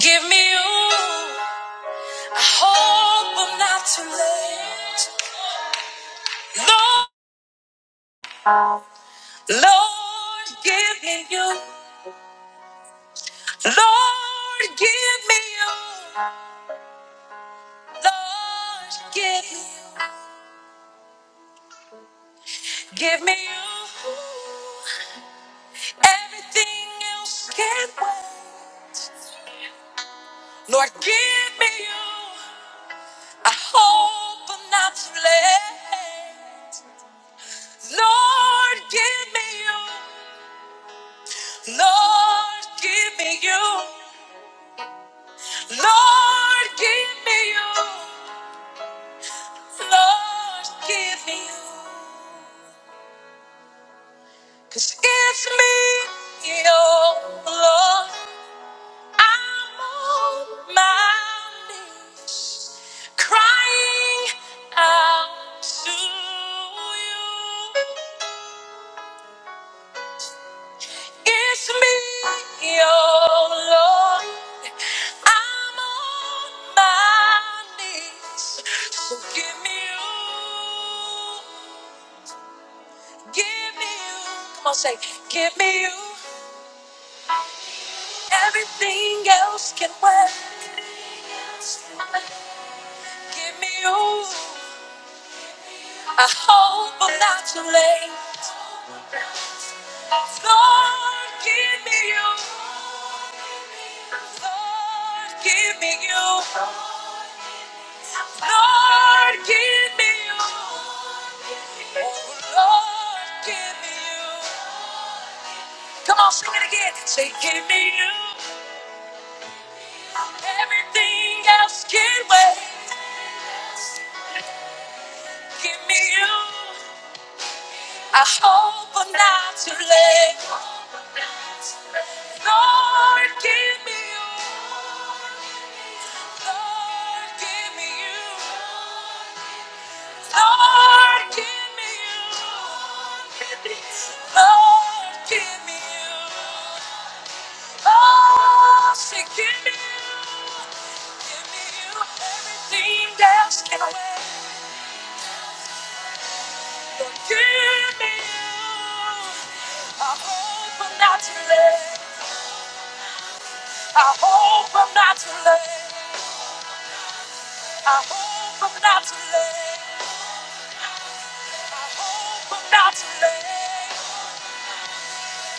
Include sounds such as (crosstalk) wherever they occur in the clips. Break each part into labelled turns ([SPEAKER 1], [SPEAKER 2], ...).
[SPEAKER 1] Give me you. I hope I'm not too late. Lord, Lord, give me you. Lord, give me you. Lord, give me you. Give me you. Everything else can wait. Lord, give me you. I hope I'm not too late. Lord, give me you. Lord, give me you. Lord, give me you. Lord, give me you. Cause it's me, oh Lord. I'm on my knees, crying out to you. It's me, oh Lord. I'm on my knees. So give me you. Give me you. Come on, say, give me you. Everything else can wait. Give me you. I hope I'm not too late. Lord, give me you. Lord, give me you. Lord, give me you. Oh, Lord, give me you. Come on, sing it again. Say, give me you. Everything else can wait. Give me you. I hope I'm not too late. Lord, give me you. Lord, give me you. Lord, give me you. Lord, give me you. Lord, say, give me you. Give me you. Everything else can wait. Lord, give me you. I hope I'm not too late. I hope I'm not too late. I hope I'm not too late. I hope I'm not too late.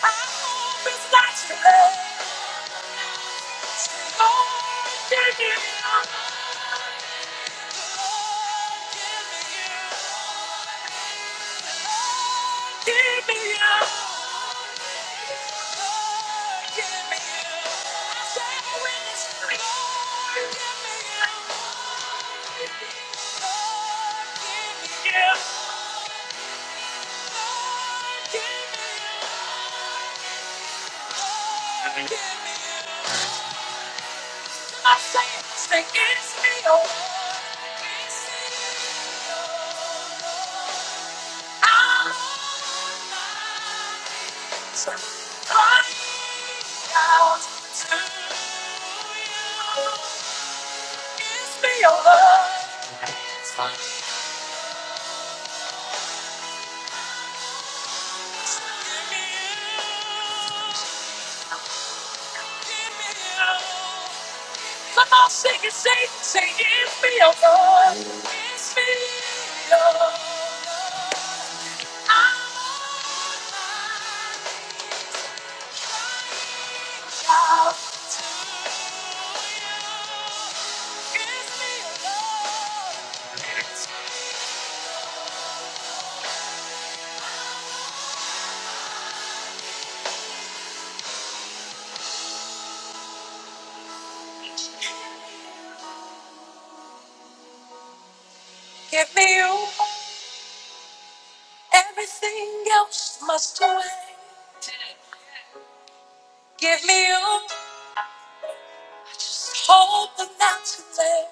[SPEAKER 1] I hope it's not too late. Give me you. I say, say it's me, oh Lord. It's me, oh Lord. I'm so crying out to you. It's me, oh Lord. It's me, it's me, you. Give me you. Come on, sing it, say, it, sing It's me, oh Lord. It's me, oh Lord. I'm out to you. It's me, oh Lord. It's me. Give me you. Everything else must wait. Give me you. Just hope but not to late.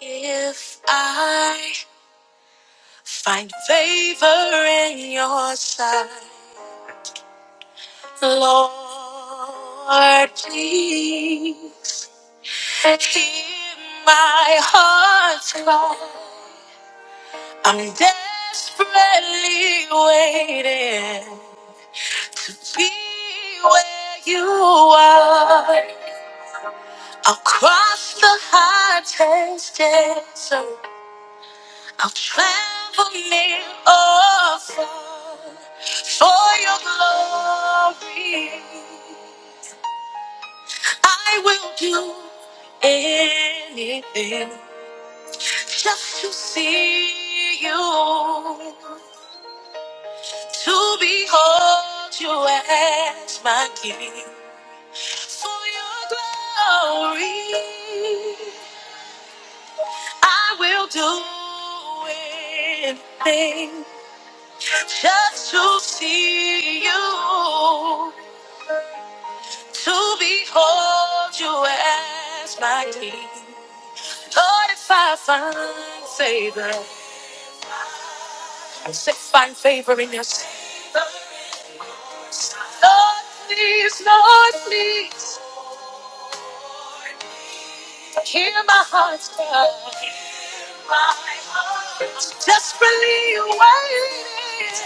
[SPEAKER 1] If I find favor in your sight, Lord, please hear my heart's cry. I'm desperately waiting to be where you are across the high desert. I'll travel near or far for your glory. I will do anything just to see you, to behold you as my king. For your glory, I will do anything. just to see you, to behold you as my king. Lord, if I find favor, I say find favor in your sight. Lord, please, Lord, please, hear my heart's cry. Desperately waiting.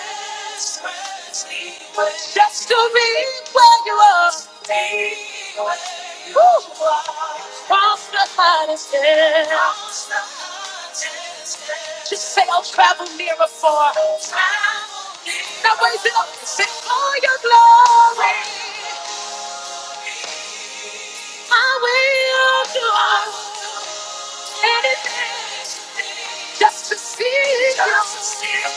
[SPEAKER 1] Just to be where you are. Be Woo. Across the hottest day. Just say I'll travel near or far. Now raise it up and sing for your glory. I will do all. Just to see you, just to see you,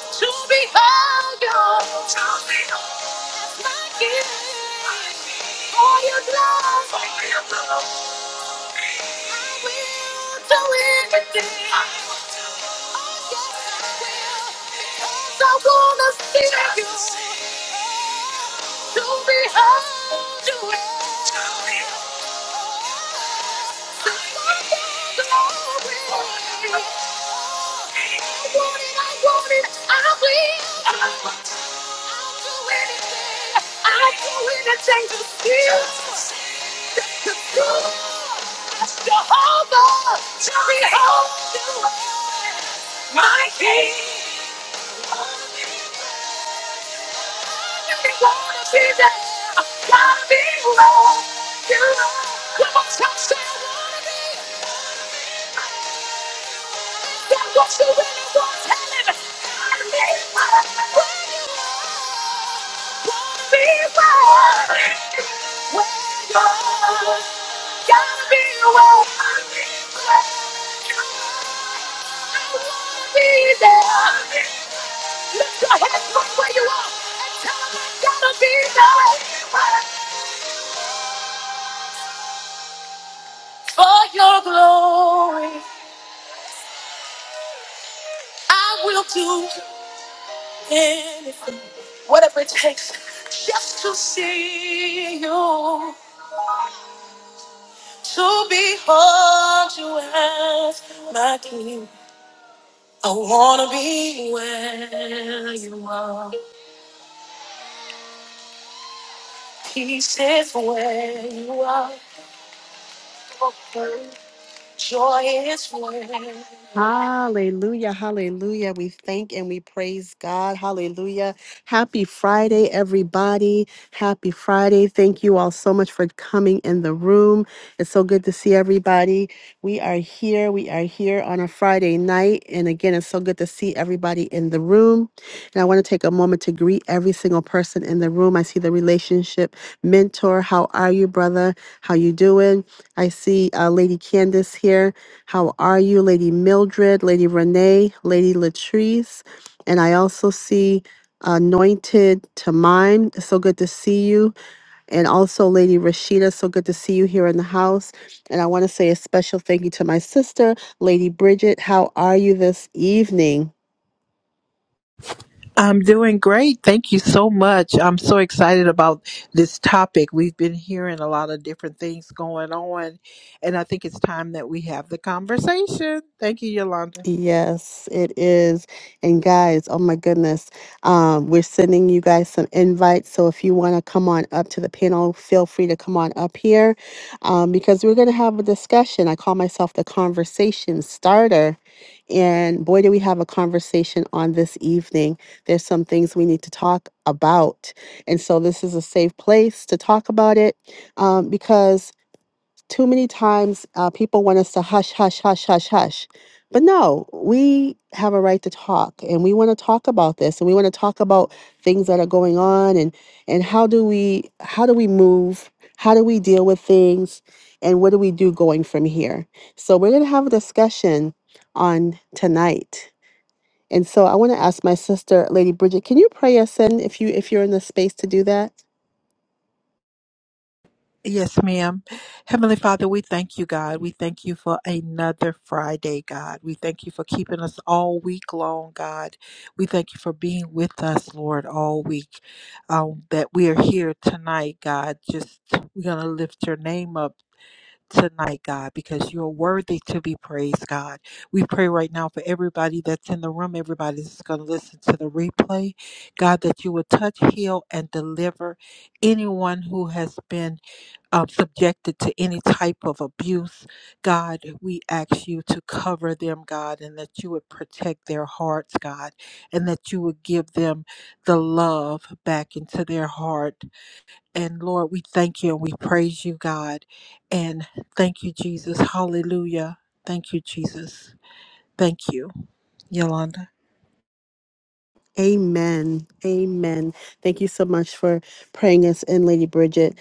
[SPEAKER 1] to behold you, to behold my King, my King. for your love, for your love, I will do anything. I will do Yes, I wanna see Just you, to see you. to behold you, to behold. This is my glory. I want it, I want it, I will. I will do anything. I'll do anything to feel the good Jehovah Jehovah, behold My King, you wanna be there. Gotta be where you are. Come on, touch that. That's what you really want. Tell him. Gotta be Where you are. Wanna be more. Where you are. Gotta be where I I wanna be there. Lift your hands from where you are and tell him I gotta be there. For your glory, I will do. anything, whatever it takes, just to see you, to behold you as my king. I wanna be where you are, peace is where you are. Joy is full. Hallelujah, hallelujah. We thank and we praise God. Hallelujah. Happy Friday, everybody. Happy Friday. Thank you all so much for coming in the room. It's so good to see everybody. We are here. We are here on a Friday night. And again, it's so good to see everybody in the room. And I want to take a moment to greet every single person in the room. I see the relationship mentor. How are you, brother? How you doing? I see uh, Lady Candace here. How are you, Lady Mildred, Lady Renee, Lady Latrice? And I also see Anointed Tamime. So good to see you. And also Lady Rashida. So good to see you here in the house. And I want to say a special thank you to my sister, Lady Bridget. How are you this evening?
[SPEAKER 2] I'm doing great. Thank you so much. I'm so excited about this topic. We've been hearing a lot of different things going on, and I think it's time that we have the conversation. Thank you, Yolanda.
[SPEAKER 1] Yes, it is. And guys, oh my goodness, um, we're sending you guys some invites. So if you want to come on up to the panel, feel free to come on up here um, because we're going to have a discussion. I call myself the conversation starter. And boy, do we have a conversation on this evening. There's some things we need to talk about. And so this is a safe place to talk about it um, because too many times uh, people want us to hush, hush, hush, hush, hush. But no, we have a right to talk and we want to talk about this and we want to talk about things that are going on and, and how do we how do we move? How do we deal with things and what do we do going from here? So we're gonna have a discussion on tonight. And so I want to ask my sister, Lady Bridget, can you pray us in if you if you're in the space to do that?
[SPEAKER 2] Yes, ma'am. Heavenly Father, we thank you, God. We thank you for another Friday, God. We thank you for keeping us all week long, God. We thank you for being with us, Lord, all week. Um, that we are here tonight, God. Just we're going to lift your name up tonight, God, because you are worthy to be praised, God. We pray right now for everybody that's in the room, everybody that's going to listen to the replay, God, that you would touch, heal, and deliver anyone who has been um, subjected to any type of abuse. God, we ask you to cover them, God, and that you would protect their hearts, God, and that you would give them the love back into their heart and Lord, we thank you and we praise you, God. And thank you, Jesus. Hallelujah. Thank you, Jesus. Thank you, Yolanda.
[SPEAKER 1] Amen. Amen. Thank you so much for praying us in, Lady Bridget.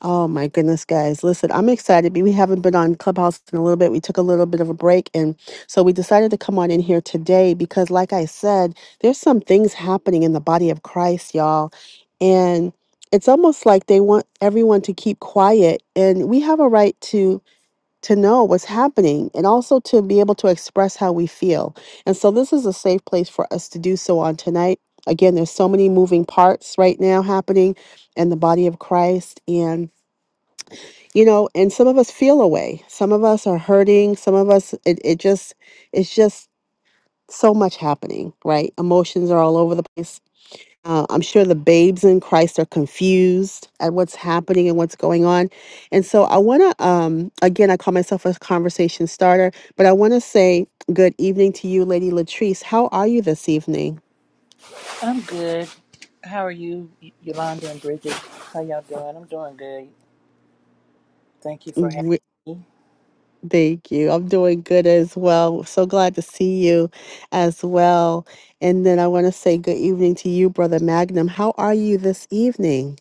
[SPEAKER 1] Oh my goodness, guys. Listen, I'm excited. We we haven't been on Clubhouse in a little bit. We took a little bit of a break. And so we decided to come on in here today because, like I said, there's some things happening in the body of Christ, y'all. And it's almost like they want everyone to keep quiet. And we have a right to to know what's happening and also to be able to express how we feel. And so this is a safe place for us to do so on tonight. Again, there's so many moving parts right now happening in the body of Christ and you know, and some of us feel away. Some of us are hurting, some of us it, it just it's just so much happening, right? Emotions are all over the place uh, I'm sure the babes in Christ are confused at what's happening and what's going on. And so I want to, um, again, I call myself a conversation starter, but I want to say good evening to you, Lady Latrice. How are you this evening?
[SPEAKER 3] I'm good. How are you, Y- Yolanda and Bridget? How y'all doing? I'm doing good. Thank you for having
[SPEAKER 1] Re-
[SPEAKER 3] me.
[SPEAKER 1] Thank you. I'm doing good as well. So glad to see you as well. And then I want to say good evening to you, Brother Magnum. How are you this evening?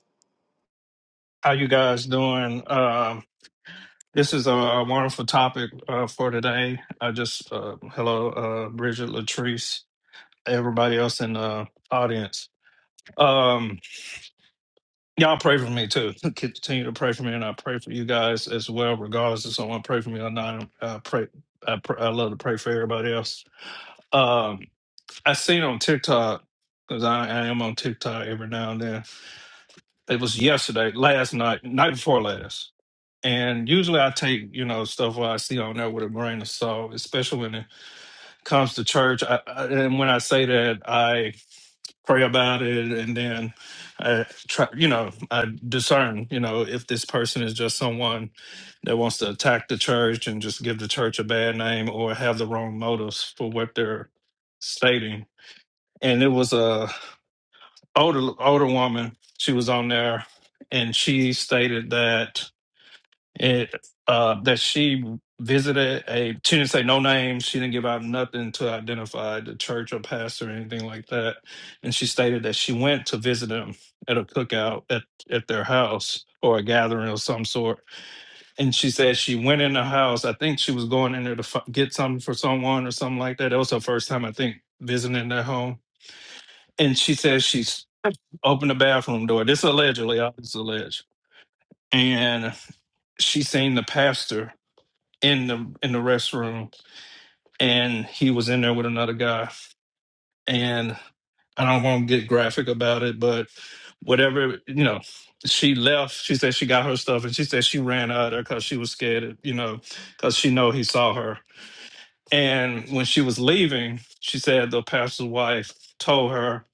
[SPEAKER 4] How you guys doing? Um, this is a, a wonderful topic uh, for today. I just uh, hello, uh, Bridget Latrice, everybody else in the audience. Um, y'all pray for me too. (laughs) Continue to pray for me, and I pray for you guys as well, regardless if someone pray for me or not. I pray. I, pr- I love to pray for everybody else. Um, I seen on TikTok because I, I am on TikTok every now and then. It was yesterday, last night, night before last. And usually I take, you know, stuff what I see on there with a grain of salt, especially when it comes to church. I, I, and when I say that, I pray about it and then I try, you know, I discern, you know, if this person is just someone that wants to attack the church and just give the church a bad name or have the wrong motives for what they're stating. And it was a older older woman. She was on there and she stated that it uh that she visited a she didn't say no names she didn't give out nothing to identify the church or pastor or anything like that and she stated that she went to visit them at a cookout at at their house or a gathering of some sort and she said she went in the house i think she was going in there to f- get something for someone or something like that that was her first time i think visiting their home and she says she's opened the bathroom door this allegedly i just alleged and she seen the pastor in the in the restroom and he was in there with another guy and i don't want to get graphic about it but whatever you know she left she said she got her stuff and she said she ran out of there because she was scared you know because she know he saw her and when she was leaving she said the pastor's wife told her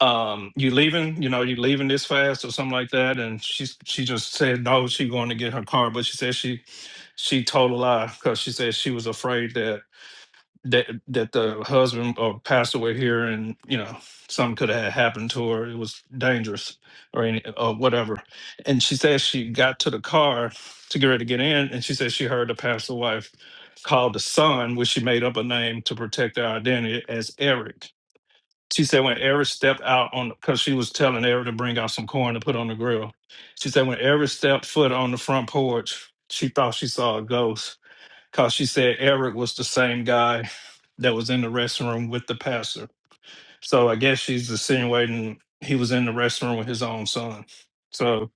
[SPEAKER 4] um you leaving you know you leaving this fast or something like that and she she just said no she going to get her car but she said she she told a lie because she said she was afraid that that that the husband or passed away here and you know something could have happened to her it was dangerous or any or whatever and she said she got to the car to get ready to get in and she said she heard the pastor wife call the son which she made up a name to protect their identity as eric she said when eric stepped out on because she was telling eric to bring out some corn to put on the grill she said when eric stepped foot on the front porch she thought she saw a ghost because she said Eric was the same guy that was in the restroom with the pastor. So I guess she's insinuating he was in the restroom with his own son. So,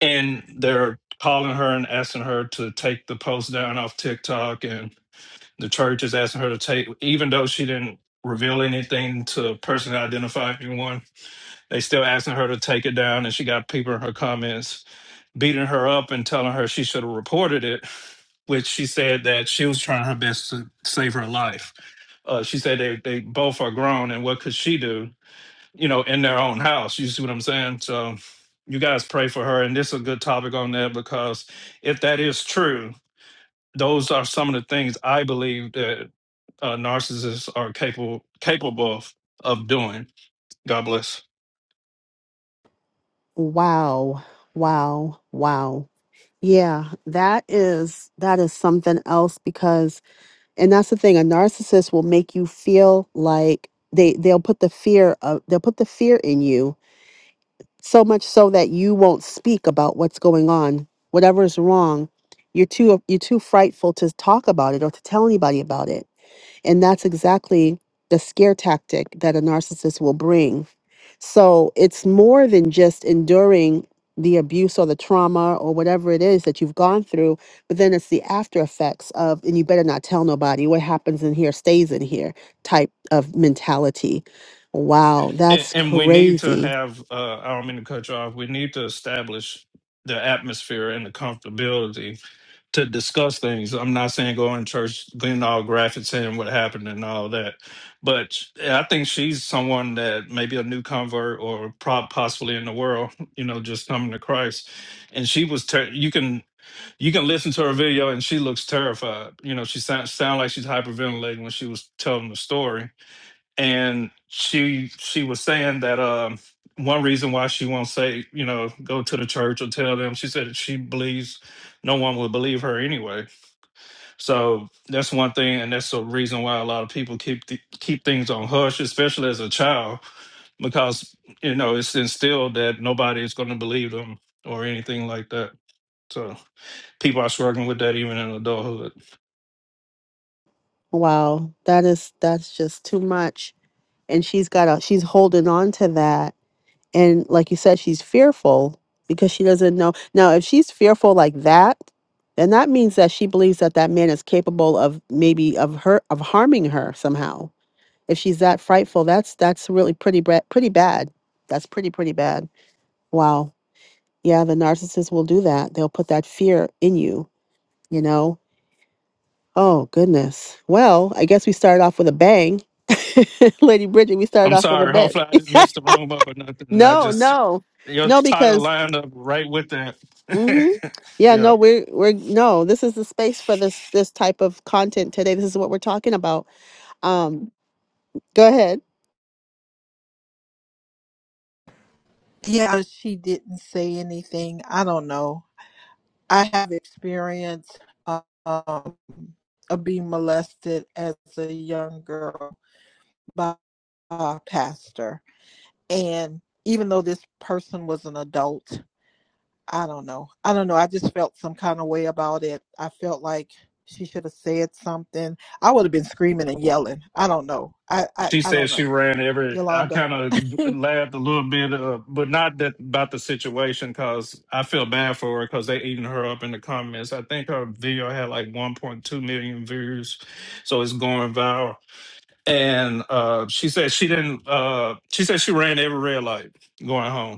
[SPEAKER 4] and they're calling her and asking her to take the post down off TikTok, and the church is asking her to take, even though she didn't reveal anything to personally identify anyone, they still asking her to take it down, and she got people in her comments beating her up and telling her she should have reported it, which she said that she was trying her best to save her life. Uh, she said they, they both are grown and what could she do, you know, in their own house? You see what I'm saying? So you guys pray for her. And this is a good topic on that because if that is true, those are some of the things I believe that uh, narcissists are capable capable of, of doing. God bless.
[SPEAKER 1] Wow, wow, wow. Yeah, that is that is something else because and that's the thing, a narcissist will make you feel like they they'll put the fear of they'll put the fear in you so much so that you won't speak about what's going on, whatever is wrong. You're too you're too frightful to talk about it or to tell anybody about it. And that's exactly the scare tactic that a narcissist will bring. So it's more than just enduring the abuse or the trauma or whatever it is that you've gone through, but then it's the after effects of, and you better not tell nobody what happens in here stays in here type of mentality. Wow,
[SPEAKER 4] And,
[SPEAKER 1] that's
[SPEAKER 4] and we need to
[SPEAKER 1] crazy.
[SPEAKER 4] have, uh, I don't mean to cut you off, we need to establish the atmosphere and the comfortability to discuss things. I'm not saying go in church, getting all graphic, saying what happened and all that. But I think she's someone that maybe a new convert or prob possibly in the world, (laughs) you know, just coming to Christ. And she was, ter- you can, you can listen to her video and she looks terrified. You know, she sounds sound like she's hyperventilating when she was telling the story and she she was saying that um one reason why she won't say you know go to the church or tell them she said that she believes no one will believe her anyway so that's one thing and that's the reason why a lot of people keep th- keep things on hush especially as a child because you know it's instilled that nobody is going to believe them or anything like that so people are struggling with that even in adulthood
[SPEAKER 1] Wow, that is that's just too much. And she's got a she's holding on to that And like you said, she's fearful because she doesn't know. Now, if she's fearful like that, then that means that she believes that that man is capable of maybe of her of harming her somehow. If she's that frightful, that's that's really pretty bra- pretty bad. That's pretty pretty bad. Wow. Yeah, the narcissist will do that. They'll put that fear in you, you know. Oh, goodness. Well, I guess we started off with a bang. (laughs) Lady Bridget, we started
[SPEAKER 4] I'm
[SPEAKER 1] off with a
[SPEAKER 4] sorry.
[SPEAKER 1] bang.
[SPEAKER 4] Hopefully, I didn't mess the room up or
[SPEAKER 1] (laughs)
[SPEAKER 4] nothing. I
[SPEAKER 1] no,
[SPEAKER 4] just
[SPEAKER 1] no.
[SPEAKER 4] your
[SPEAKER 1] No,
[SPEAKER 4] title
[SPEAKER 1] because
[SPEAKER 4] lined up right with that.
[SPEAKER 1] Mm-hmm.
[SPEAKER 4] (laughs)
[SPEAKER 1] Yeah,
[SPEAKER 4] yeah.
[SPEAKER 1] no, we're we're no, this is the space for this this type of content today. This is what we're talking about. Um, go ahead.
[SPEAKER 2] Yeah, she didn't say anything. I don't know. I have experience uh, um, of being molested as a young girl by a pastor. And even though this person was an adult, I don't know. I don't know. I just felt some kind of way about it. I felt like she should have said something. I would have been screaming and yelling. I don't know. I I,
[SPEAKER 4] She
[SPEAKER 2] I don't
[SPEAKER 4] said she
[SPEAKER 2] know.
[SPEAKER 4] ran every. I
[SPEAKER 2] Yolanda.
[SPEAKER 4] kind of
[SPEAKER 2] (laughs)
[SPEAKER 4] laughed a little bit, uh, but not that about the situation because I feel bad for her because they eating her up in the comments. I think her video had like 1.2 million views, so it's going viral. And uh, she said she didn't. Uh, she said she ran every red light going home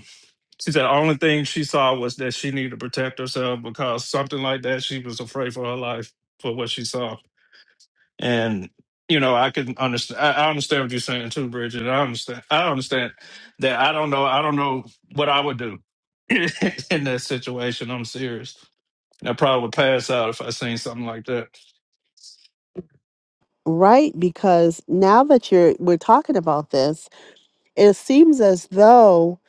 [SPEAKER 4] She said the only thing she saw was that she needed to protect herself because something like that, she was afraid for her life for what she saw. And you know, I can understand. I I understand what you're saying too, Bridget. I understand. I understand that. I don't know. I don't know what I would do (laughs) in that situation. I'm serious. I probably would pass out if I seen something like that.
[SPEAKER 1] Right, because now that you're we're talking about this, it seems as though,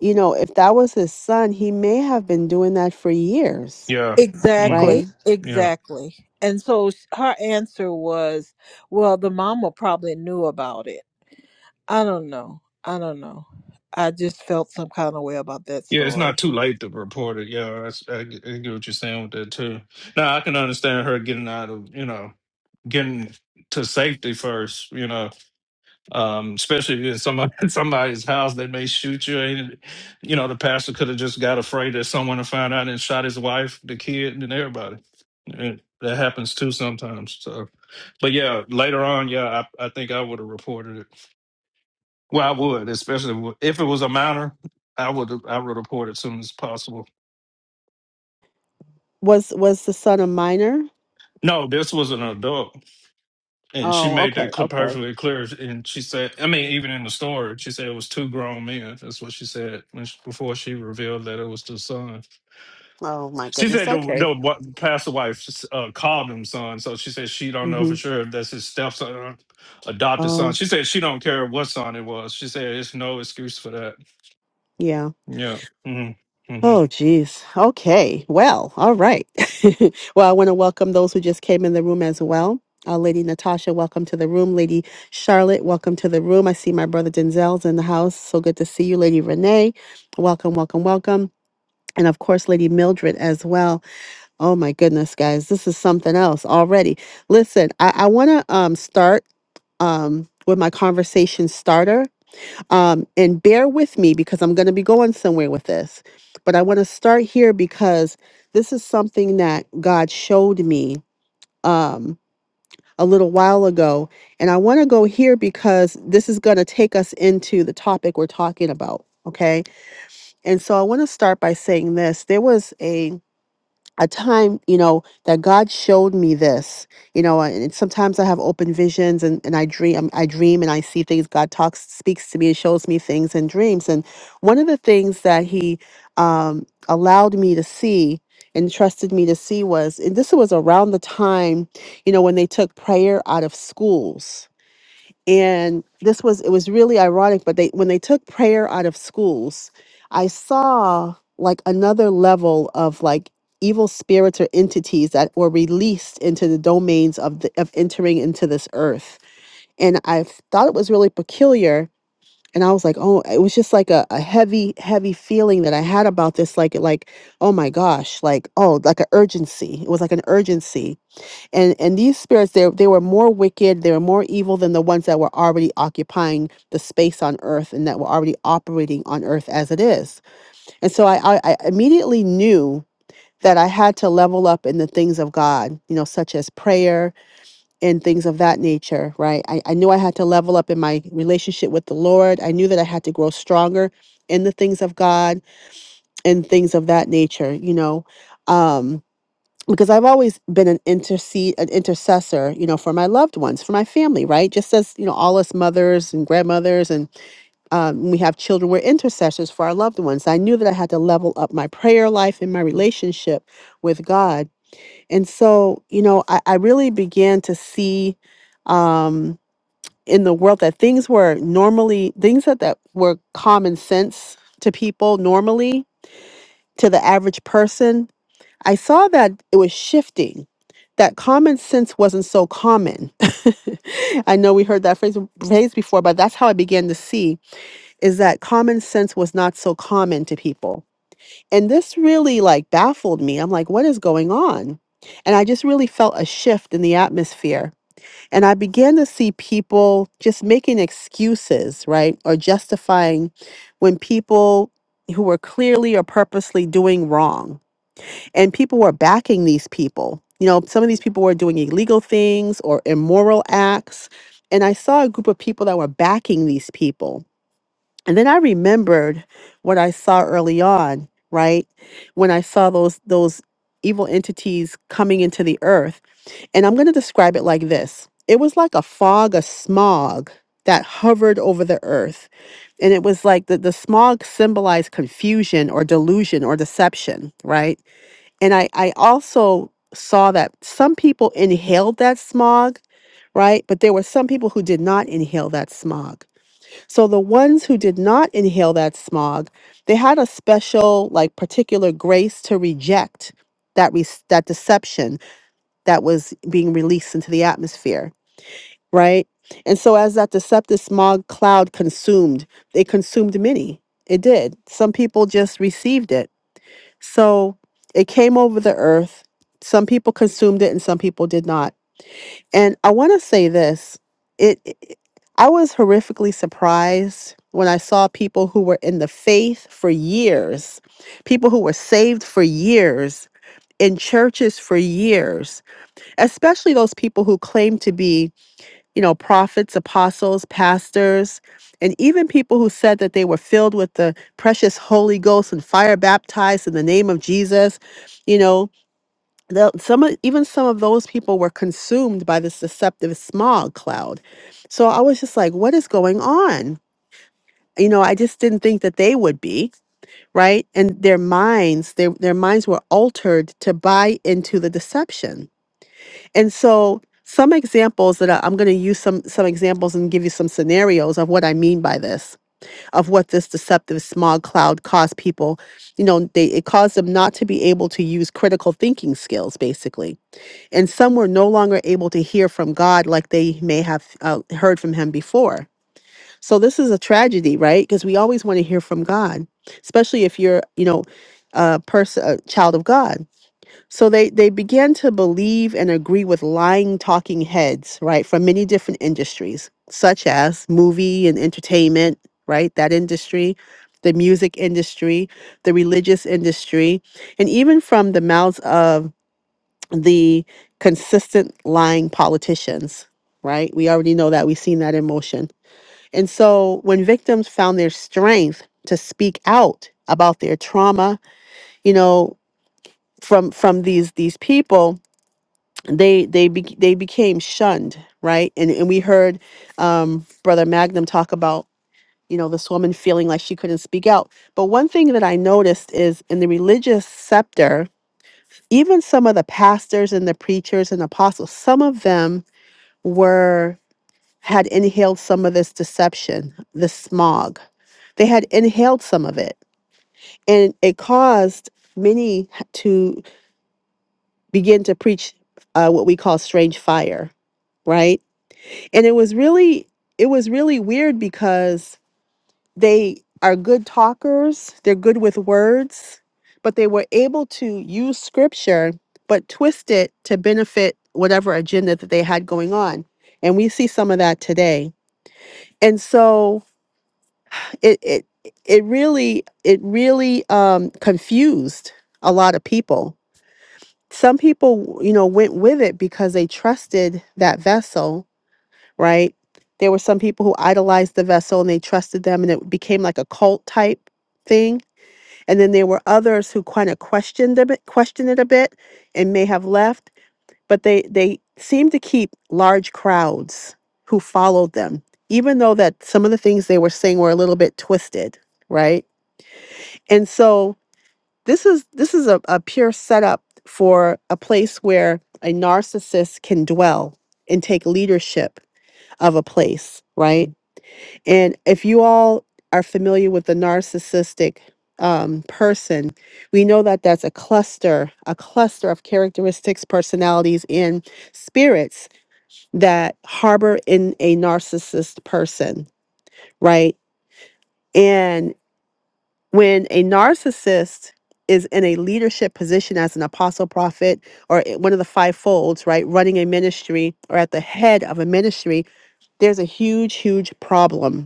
[SPEAKER 1] you know, if that was his son, he may have been doing that for years,
[SPEAKER 4] Yeah. hmm
[SPEAKER 1] right?
[SPEAKER 2] Exactly,
[SPEAKER 4] Yeah.
[SPEAKER 2] exactly. And so sh- her answer was, well, the mama probably knew about it. I don't know. I don't know. I just felt some kind of way about that
[SPEAKER 4] Yeah, it's not
[SPEAKER 2] story.
[SPEAKER 4] too late to report it. Yeah, that's, I, get- I get what you're saying with that too. Now I can understand her getting out of, you know, getting to safety first. You know, um, especially if you're in somebody (laughs) somebody's house, they may shoot you. And you know, the pastor could have just got afraid that someone would find out and shot his wife, the kid, and everybody. And that happens too sometimes. So, but yeah, later on, yeah, I, I think I would have reported it. Well, I would, especially w- if it was a minor. I would I would report it as soon as possible.
[SPEAKER 1] Was was the son a minor?
[SPEAKER 4] No, this was an adult. And she
[SPEAKER 1] Oh,
[SPEAKER 4] made
[SPEAKER 1] okay,
[SPEAKER 4] that cl-
[SPEAKER 1] okay.
[SPEAKER 4] perfectly clear. And she said, I mean, even in the story, she said it was two grown men. That's what she said when she, before she revealed that it was the son.
[SPEAKER 1] Oh my
[SPEAKER 4] She
[SPEAKER 1] goodness.
[SPEAKER 4] said the,
[SPEAKER 1] Okay.
[SPEAKER 4] the wa- pastor wife uh, called him son. So she said she don't know
[SPEAKER 1] Mm-hmm.
[SPEAKER 4] for sure if that's his stepson, adopted son.
[SPEAKER 1] Oh,
[SPEAKER 4] She said she don't care what son it was. She said it's no excuse for that.
[SPEAKER 1] yeah.
[SPEAKER 4] Yeah. hmm hmm
[SPEAKER 1] Oh, geez. Okay. Well, all right. (laughs) well, I want to welcome those who just came in the room as well. Uh, Lady Natasha, welcome to the room. Lady Charlotte, welcome to the room. I see my brother Denzel's in the house. So good to see you, Lady Renee. Welcome, welcome, welcome. And of course, Lady Mildred as well. Oh my goodness, guys, this is something else already. Listen, I, I want to um, start um, with my conversation starter. Um, and bear with me because I'm going to be going somewhere with this. But I want to start here because this is something that God showed me um, a little while ago. And I want to go here because this is going to take us into the topic we're talking about. Okay. And so I want to start by saying this. There was a a time, you know, that God showed me this, you know, and it's- sometimes I have open visions and, and I dream, um, I dream and I see things. God talks, speaks to me and shows me things in dreams. And one of the things that he um, allowed me to see and trusted me to see was, and this was around the time, you know, when they took prayer out of schools and this was it was really ironic but they when they took prayer out of schools i saw like another level of like evil spirits or entities that were released into the domains of the of entering into this earth and i thought it was really peculiar and i was like oh it was just like a, a heavy heavy feeling that i had about this like like oh my gosh like oh like an urgency it was like an urgency and and these spirits they, they were more wicked they were more evil than the ones that were already occupying the space on earth and that were already operating on earth as it is and so i i, I immediately knew that i had to level up in the things of god you know such as prayer and things of that nature right I, I knew i had to level up in my relationship with the lord i knew that i had to grow stronger in the things of god and things of that nature you know um because I've always been an intercede, an intercessor, you know, for my loved ones, for my family, right? Just as you know, all us mothers and grandmothers, and um, we have children, we're intercessors for our loved ones. I knew that I had to level up my prayer life and my relationship with God, and so you know, I, I really began to see um, in the world that things were normally things that that were common sense to people normally to the average person I saw that it was shifting, that common sense wasn't so common. (laughs) I know we heard that phrase, phrase before, but that's how I began to see is that common sense was not so common to people. And this really like baffled me. I'm like, what is going on? And I just really felt a shift in the atmosphere. And I began to see people just making excuses, right? Or justifying when people who were clearly or purposely doing wrong and people were backing these people. You know, some of these people were doing illegal things or immoral acts. And I saw a group of people that were backing these people. And then I remembered what I saw early on, right? When I saw those those evil entities coming into the earth. And I'm going to describe it like this. It was like a fog, a smog that hovered over the earth. And it was like the, the smog symbolized confusion or delusion or deception, right? And I, I also saw that some people inhaled that smog, right? But there were some people who did not inhale that smog. So the ones who did not inhale that smog, they had a special, like, particular grace to reject that re- that deception that was being released into the atmosphere, right? And so as that deceptive smog cloud consumed, it consumed many. It did. Some people just received it so it came over the earth. Some people consumed it and some people did not. And I want to say this it, it- I was horrifically surprised when I saw people who were in the faith for years, people who were saved for years, in churches for years, especially those people who claim to be you know, prophets, apostles, pastors, and even people who said that they were filled with the precious Holy Ghost and fire baptized in the name of Jesus, you know, the, some of, even some of those people were consumed by this deceptive smog cloud. So I was just like, what is going on? You know, I just didn't think that they would be right, and their minds, their their minds were altered to buy into the deception and so some examples that I, I'm going to use some some examples and give you some scenarios of what I mean by this, of what this deceptive smog cloud caused people. You know, they it caused them not to be able to use critical thinking skills, basically. And some were no longer able to hear from God like they may have uh, heard from Him before. So this is a tragedy, right? Because we always want to hear from God, especially if you're, you know, a person, a child of God so they they began to believe and agree with lying talking heads, right, from many different industries, such as movie and entertainment, right, that industry, the music industry, the religious industry, and even from the mouths of the consistent lying politicians, right? We already know that we've seen that in motion. And so when victims found their strength to speak out about their trauma, you know, from from these these people they they be they became shunned right and and we heard um brother magnum talk about you know this woman feeling like she couldn't speak out but one thing that i noticed is in the religious sector even some of the pastors and the preachers and apostles some of them were had inhaled some of this deception this smog they had inhaled some of it and it caused many to begin to preach uh, what we call strange fire right and it was really it was really weird because they are good talkers they're good with words but they were able to use scripture but twist it to benefit whatever agenda that they had going on and we see some of that today and so it it it really it really um confused a lot of people some people you know went with it because they trusted that vessel right? There were some people who idolized the vessel and they trusted them, and it became like a cult type thing. And then there were others who kind of questioned them, questioned it a bit, and may have left. But they they seemed to keep large crowds who followed them, even though that some of the things they were saying were a little bit twisted, right? And so this is this is a, a pure setup for a place where a narcissist can dwell and take leadership of a place, right? And if you all are familiar with the narcissistic um, person, we know that that's a cluster, a cluster of characteristics, personalities, and spirits that harbor in a narcissist person, right? And when a narcissist is in a leadership position as an apostle, prophet, or i- one of the five folds, right? Running a ministry or at the head of a ministry, there's a huge, huge problem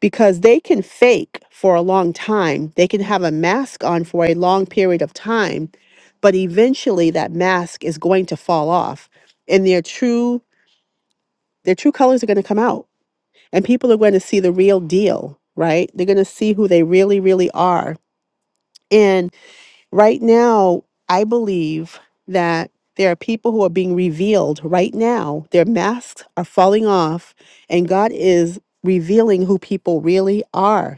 [SPEAKER 1] because they can fake for a long time. They can have a mask on for a long period of time, but eventually that mask is going to fall off and their true their true colors are going to come out and people are going to see the real deal, right? They're going to see who they really really are. And right now, I believe that there are people who are being revealed right now. Their masks are falling off and God is revealing who people really are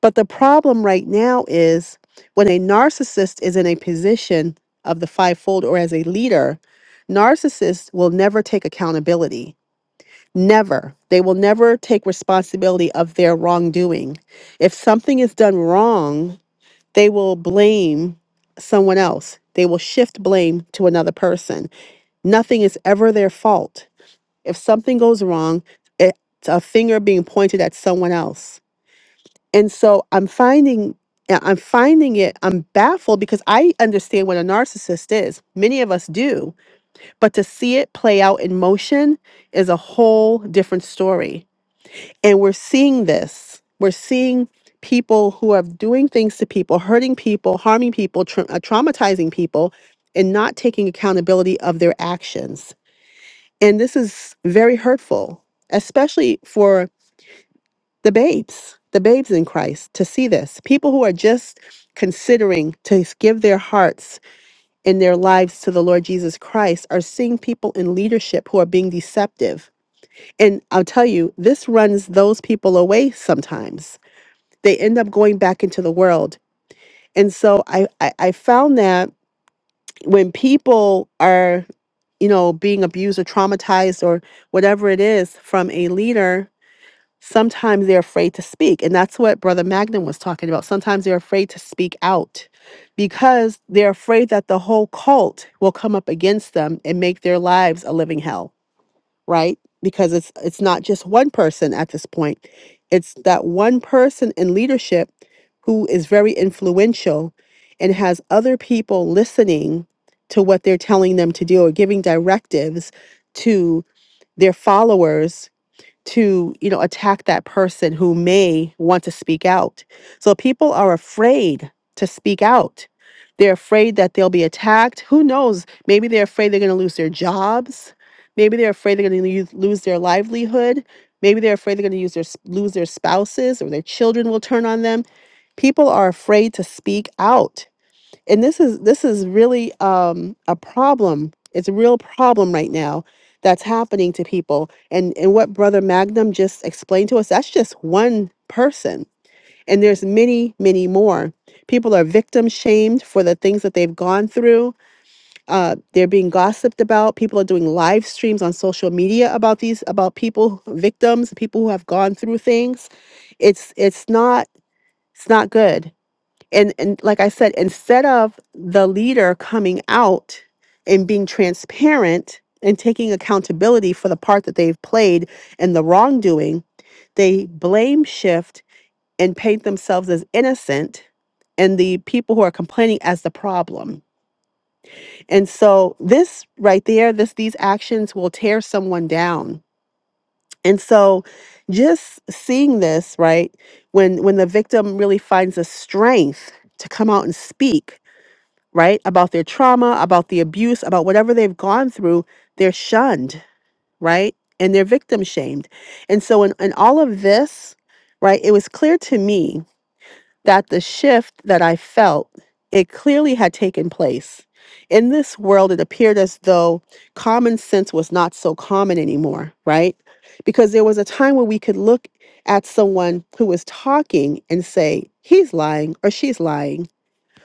[SPEAKER 1] But the problem right now is when a narcissist is in a position of the fivefold or as a leader, narcissists will never take accountability. Never. They will never take responsibility of their wrongdoing. If something is done wrong, they will blame someone else. They will shift blame to another person. Nothing is ever their fault. If something goes wrong, it's a finger being pointed at someone else and so i'm finding yeah, i'm finding it i'm baffled because i understand what a narcissist is many of us do but to see it play out in motion is a whole different story and we're seeing this we're seeing people who are doing things to people hurting people harming people tra- uh, traumatizing people and not taking accountability of their actions and this is very hurtful especially for the babes, the babes in Christ, to see this. People who are just considering to give their hearts and their lives to the Lord Jesus Christ are seeing people in leadership who are being deceptive. And I'll tell you, this runs those people away sometimes. They end up going back into the world. And so I, I, I found that when people are, you know, being abused or traumatized or whatever it is from a leader, sometimes they're afraid to speak. And that's what Brother Magnum was talking about. Sometimes they're afraid to speak out because they're afraid that the whole cult will come up against them and make their lives a living hell, right? Because it's it's not just one person at this point. It's that one person in leadership who is very influential and has other people listening to what they're telling them to do or giving directives to their followers to you know attack that person who may want to speak out so people are afraid to speak out they're afraid that they'll be attacked who knows maybe they're afraid they're going to lose their jobs maybe they're afraid they're going to lose their livelihood maybe they're afraid they're going to use their lose their spouses or their children will turn on them people are afraid to speak out and this is this is really um a problem it's a real problem right now that's happening to people and and what brother magnum just explained to us that's just one person and there's many many more people are victim shamed for the things that they've gone through uh, they're being gossiped about people are doing live streams on social media about these about people victims people who have gone through things it's it's not it's not good and and like i said instead of the leader coming out and being transparent and taking accountability for the part that they've played in the wrongdoing they blame shift and paint themselves as innocent and the people who are complaining as the problem and so this right there this these actions will tear someone down and so just seeing this right when when the victim really finds the strength to come out and speak right? About their trauma, about the abuse, about whatever they've gone through, they're shunned, right? And they're victim shamed. And so, in, in all of this, right, it was clear to me that the shift that I felt, it clearly had taken place. In this world, it appeared as though common sense was not so common anymore, right? Because there was a time when we could look at someone who was talking and say, he's lying or she's lying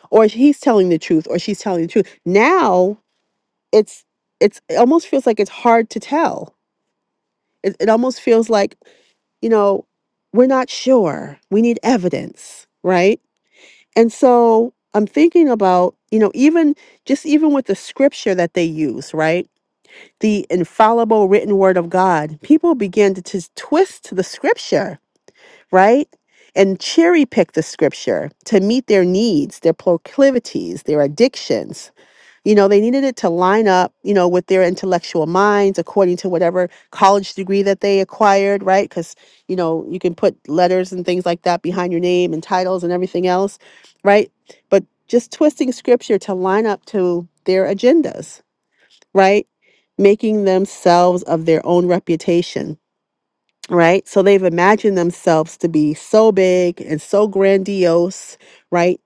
[SPEAKER 1] or he's telling the truth or she's telling the truth now it's it's it almost feels like it's hard to tell it, it almost feels like you know we're not sure we need evidence right and so i'm thinking about you know even just even with the scripture that they use right the infallible written word of god people begin to just twist the scripture right and cherry pick the scripture to meet their needs their proclivities their addictions You know, they needed it to line up, you know, with their intellectual minds according to whatever college degree that they acquired, right? Because, you know, you can put letters and things like that behind your name and titles and everything else, right? But just twisting scripture to line up to their agendas, right? Making themselves of their own reputation right? So they've imagined themselves to be so big and so grandiose, right?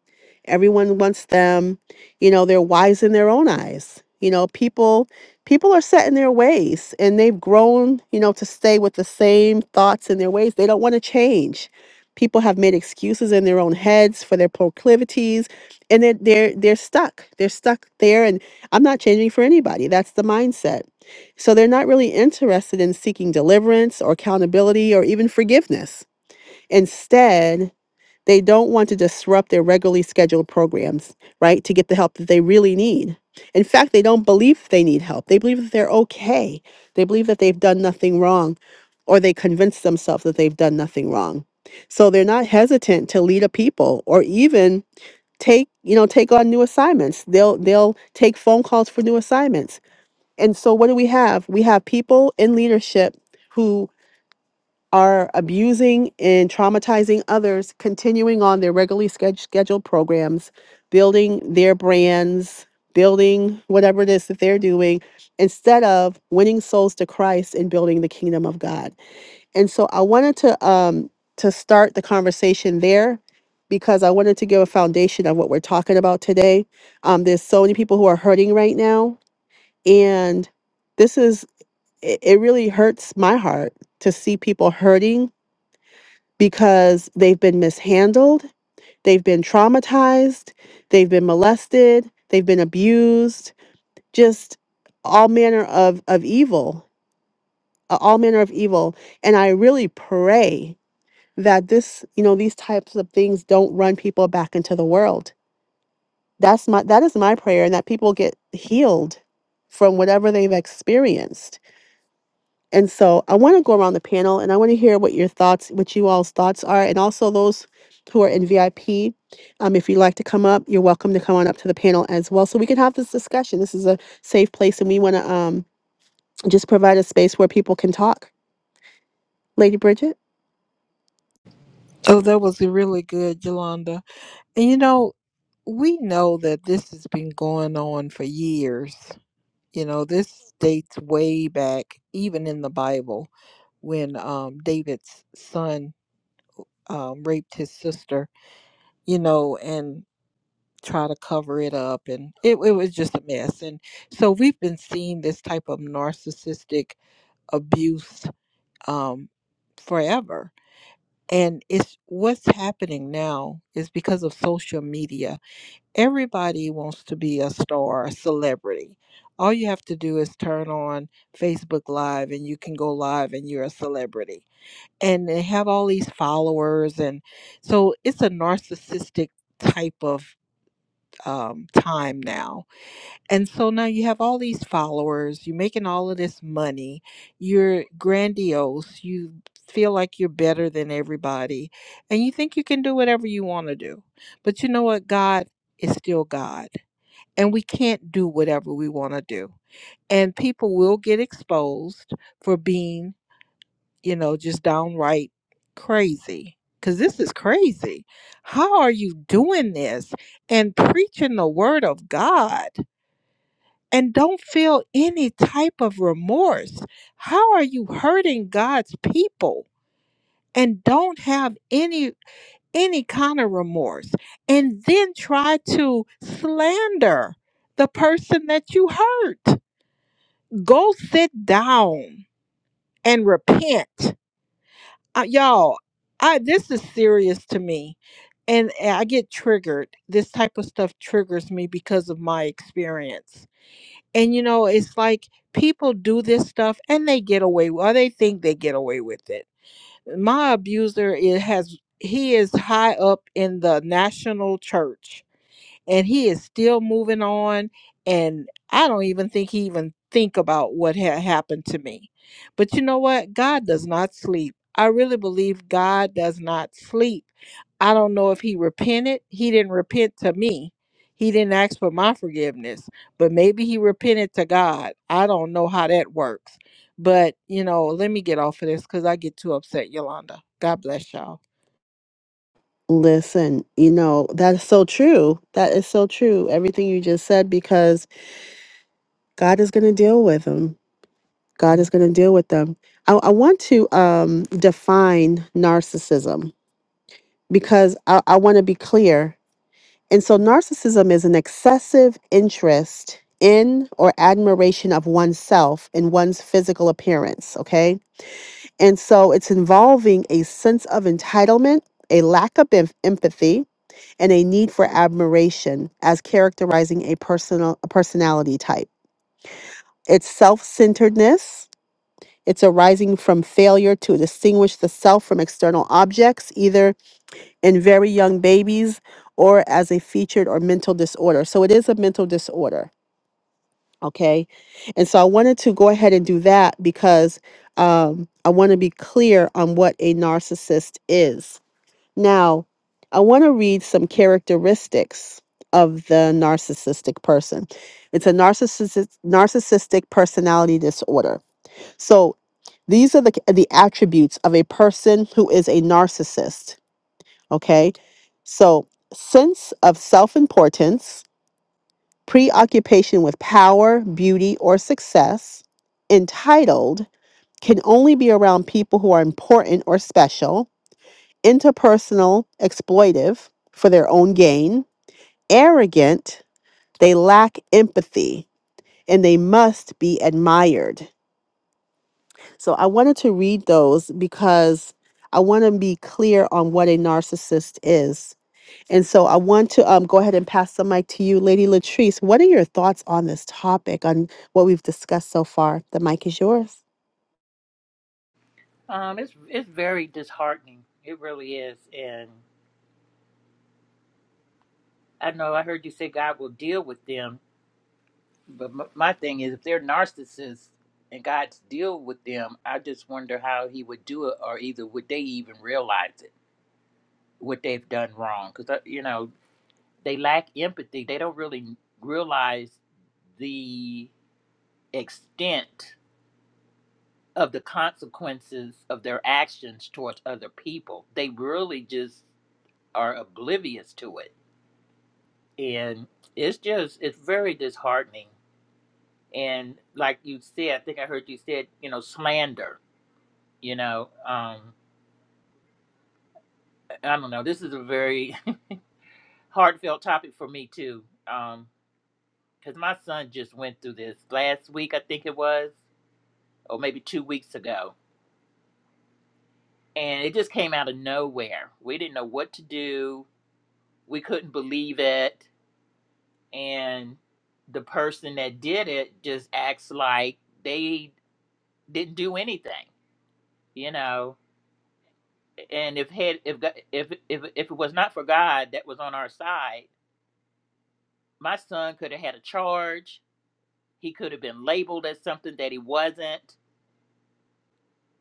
[SPEAKER 1] Everyone wants them, you know, they're wise in their own eyes. You know, people people are set in their ways and they've grown, you know, to stay with the same thoughts and their ways. They don't want to change. People have made excuses in their own heads for their proclivities and they're they're, they're stuck. They're stuck there and I'm not changing for anybody. That's the mindset so they're not really interested in seeking deliverance or accountability or even forgiveness. Instead, they don't want to disrupt their regularly scheduled programs, right, to get the help that they really need. In fact, they don't believe they need help. They believe that they're okay. They believe that they've done nothing wrong, or they convince themselves that they've done nothing wrong. So they're not hesitant to lead a people or even take, you know, take on new assignments. They'll they'll take phone calls for new assignments and so, what do we have? We have people in leadership who are abusing and traumatizing others, continuing on their regularly sched- scheduled programs, building their brands, building whatever it is that they're doing, instead of winning souls to Christ and building the kingdom of God. And so, I wanted to um, to start the conversation there because I wanted to give a foundation of what we're talking about today. Um, there's so many people who are hurting right now, and this is it, it really hurts my heart to see people hurting because they've been mishandled, they've been traumatized, they've been molested, they've been abused, just all manner of, of evil, uh, all manner of evil. And I really pray that this, you know, these types of things don't run people back into the world. That's my that is my prayer and that people get healed from whatever they've experienced And so I want to go around the panel and I want to hear what your thoughts, what you all's thoughts are, and also those who are in VIP. Um, if you'd like to come up, you're welcome to come on up to the panel as well. So we can have this discussion. This is a safe place and we want to um, just provide a space where people can talk. Lady Bridget?
[SPEAKER 2] Oh, that was really good, Yolanda. And you know, we know that this has been going on for years. You know, this dates way back, even in the Bible. when um, David's son um, raped his sister, you know, and try to cover it up. And it, it was just a mess. And so we've been seeing this type of narcissistic abuse um, forever. And it's what's happening now is because of social media. Everybody wants to be a star, a celebrity. All you have to do is turn on Facebook Live and you can go live and you're a celebrity and they have all these followers and so it's a narcissistic type of um, time now and so now you have all these followers you're making all of this money you're grandiose you feel like you're better than everybody and you think you can do whatever you want to do but you know what god is still god and we can't do whatever we want to do and people will get exposed for being you know, just downright crazy. Because this is crazy. How are you doing this and preaching the word of God and don't feel any type of remorse? How are you hurting God's people and don't have any any kind of remorse and then try to slander the person that you hurt? Go sit down and repent uh, y'all i this is serious to me and eh, i get triggered this type of stuff triggers me because of my experience and you know it's like people do this stuff and they get away or they think they get away with it my abuser it has he is high up in the national church and he is still moving on and i don't even think he even think about what had happened to me but you know what god does not sleep i really believe god does not sleep i don't know if he repented he didn't repent to me he didn't ask for my forgiveness but maybe he repented to god i don't know how that works but you know let me get off of this because i get too upset yolanda god bless y'all
[SPEAKER 1] Listen, you know, that is so true. That is so true. Everything you just said, because God is going to deal with them. God is going to deal with them. I, I want to um, define narcissism because I, I want to be clear. And so, narcissism is an excessive interest in or admiration of oneself in one's physical appearance. Okay. And so, it's involving a sense of entitlement, a lack of em- empathy, and a need for admiration as characterizing a personal a personality type. It's self-centeredness. It's arising from failure to distinguish the self from external objects, either in very young babies or as a featured or mental disorder. So it is a mental disorder. Okay. And so I wanted to go ahead and do that because um, I want to be clear on what a narcissist is. Now, I want to read some characteristics of the narcissistic person. It's a narcissistic narcissistic personality disorder. So these are the the attributes of a person who is a narcissist. Okay. So, sense of self importance, preoccupation with power, beauty, or success, entitled can only be around people who are important or special, interpersonal, exploitive for their own gain, arrogant, they lack empathy, and they must be admired. So, I wanted to read those because I want to be clear on what a narcissist is And so I want to um, go ahead and pass the mic to you, Lady Latrice. What are your thoughts on this topic, on what we've discussed so far? The mic is yours.
[SPEAKER 3] Um, it's it's very disheartening. It really is. And I know I heard you say God will deal with them, but m- my thing is if they're narcissists and God's deal with them, I just wonder how He would do it, or either would they even realize it what they've done wrong? Because you know they lack empathy. They don't really realize the extent of the consequences of their actions towards other people. They really just are oblivious to it. And it's just, it's very disheartening. And like you said, I think I heard you said, you know, slander, you know, um, I don't know. This is a very (laughs) heartfelt topic for me too. Um, cause my son just went through this last week, I think it was, or maybe two weeks ago. And it just came out of nowhere. We didn't know what to do. We couldn't believe it and the person that did it just acts like they didn't do anything you know and if had if God- if if, if it was not for god that was on our side my son could have had a charge he could have been labeled as something that he wasn't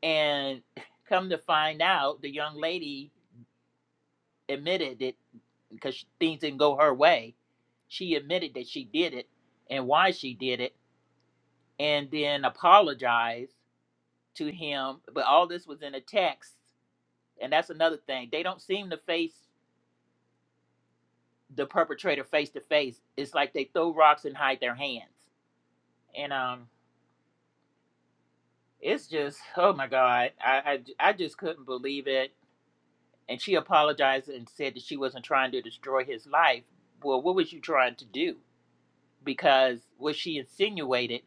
[SPEAKER 3] and (laughs) come to find out the young lady admitted it because things didn't go her way she admitted that she did it and why she did it and then apologized to him, but all this was in a text, and that's another thing. They don't seem to face the perpetrator face to face. It's like they throw rocks and hide their hands, and um, it's just oh my god, I I, I just couldn't believe it. And she apologized and said that she wasn't trying to destroy his life. Well, what was you trying to do? Because what she insinuated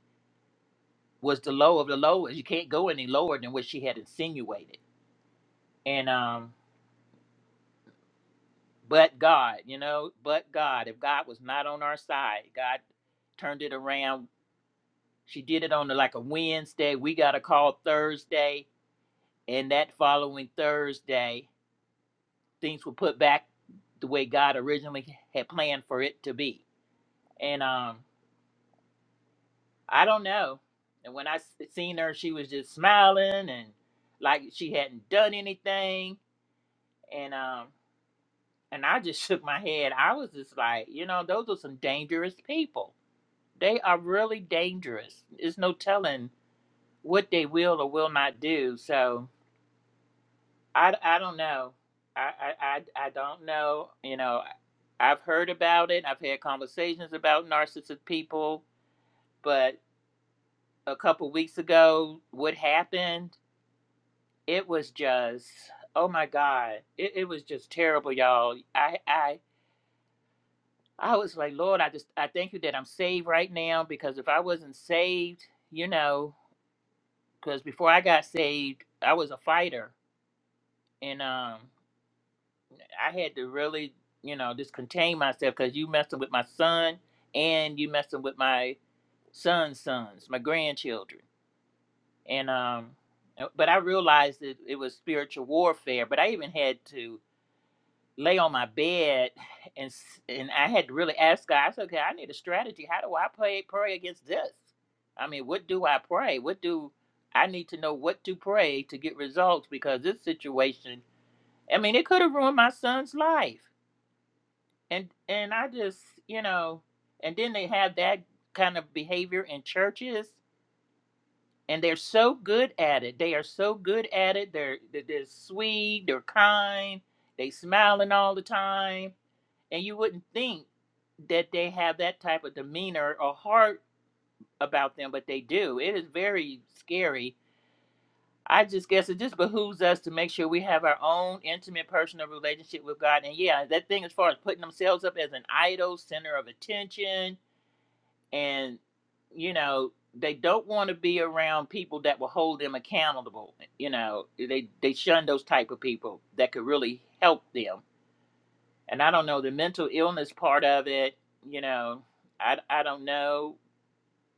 [SPEAKER 3] was the low of the lowest. You can't go any lower than what she had insinuated. And um, but God, you know, but God. If God was not on our side, God turned it around. She did it on like a Wednesday. We got a call Thursday, and that following Thursday, things were put back the way God originally had planned for it to be. And um, I don't know. And when I s- seen her, she was just smiling and like she hadn't done anything. And um, and I just (laughs) shook my head. I was just like, you know, those are some dangerous people They are really dangerous. There's no telling what they will or will not do. So I, I don't know. I, I, I, I don't know. You know, I've heard about it. I've had conversations about narcissistic people, but a couple weeks ago, what happened? It was just, oh my God, it, it was just terrible, y'all. I, I, I was like, Lord, I just, I thank you that I'm saved right now because if I wasn't saved, you know. because before I got saved, I was a fighter, and um, I had to really, you know, just contain myself because you messing with my son, and you messing with my son's sons, my grandchildren, and um, uh, but I realized that it was spiritual warfare. But I even had to lay on my bed and and I had to really ask God. I said, okay, I need a strategy. How do I pray pray against this? I mean, what do I pray? What do I need to know what to pray to get results because this situation, I mean, it could have ruined my son's life. And and I just, you know, and then they have that kind of behavior in churches and they're so good at it. They are so good at it. They're they're they're sweet, they're kind, they smiling all the time and you wouldn't think that they have that type of demeanor or heart about them, but they do. It is very scary. I just guess it just behooves us to make sure we have our own intimate personal relationship with God. And yeah, that thing as far as putting themselves up as an idol, center of attention, and you know, they don't want to be around people that will hold them accountable. You know, they they shun those type of people that could really help them and I don't know the mental illness part of it. You know, I I don't know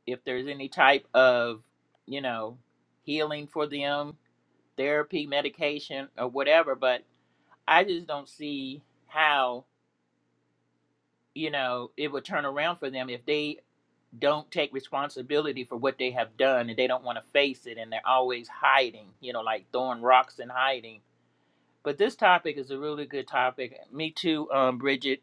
[SPEAKER 3] if there's any type of you know healing for them, therapy, medication, or whatever. But I just don't see how you know it would turn around for them if they don't take responsibility for what they have done and they don't want to face it and they're always hiding. You know, like throwing rocks and hiding. But this topic is a really good topic. Me too, um, Bridget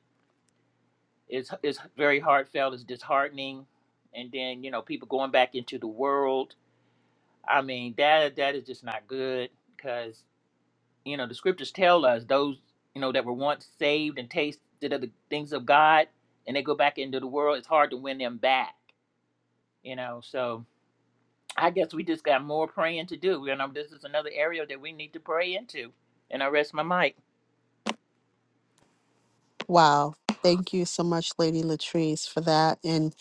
[SPEAKER 3] It's it's very heartfelt. It's disheartening, and then you know people going back into the world. I mean that that is just not good because you know the scriptures tell us those you know that were once saved and tasted of the things of God, and they go back into the world. It's hard to win them back. You know, so I guess we just got more praying to do. You know, this is another area that we need to pray into. And I rest my mic.
[SPEAKER 1] Wow. Thank you so much, Lady Latrice, for that. And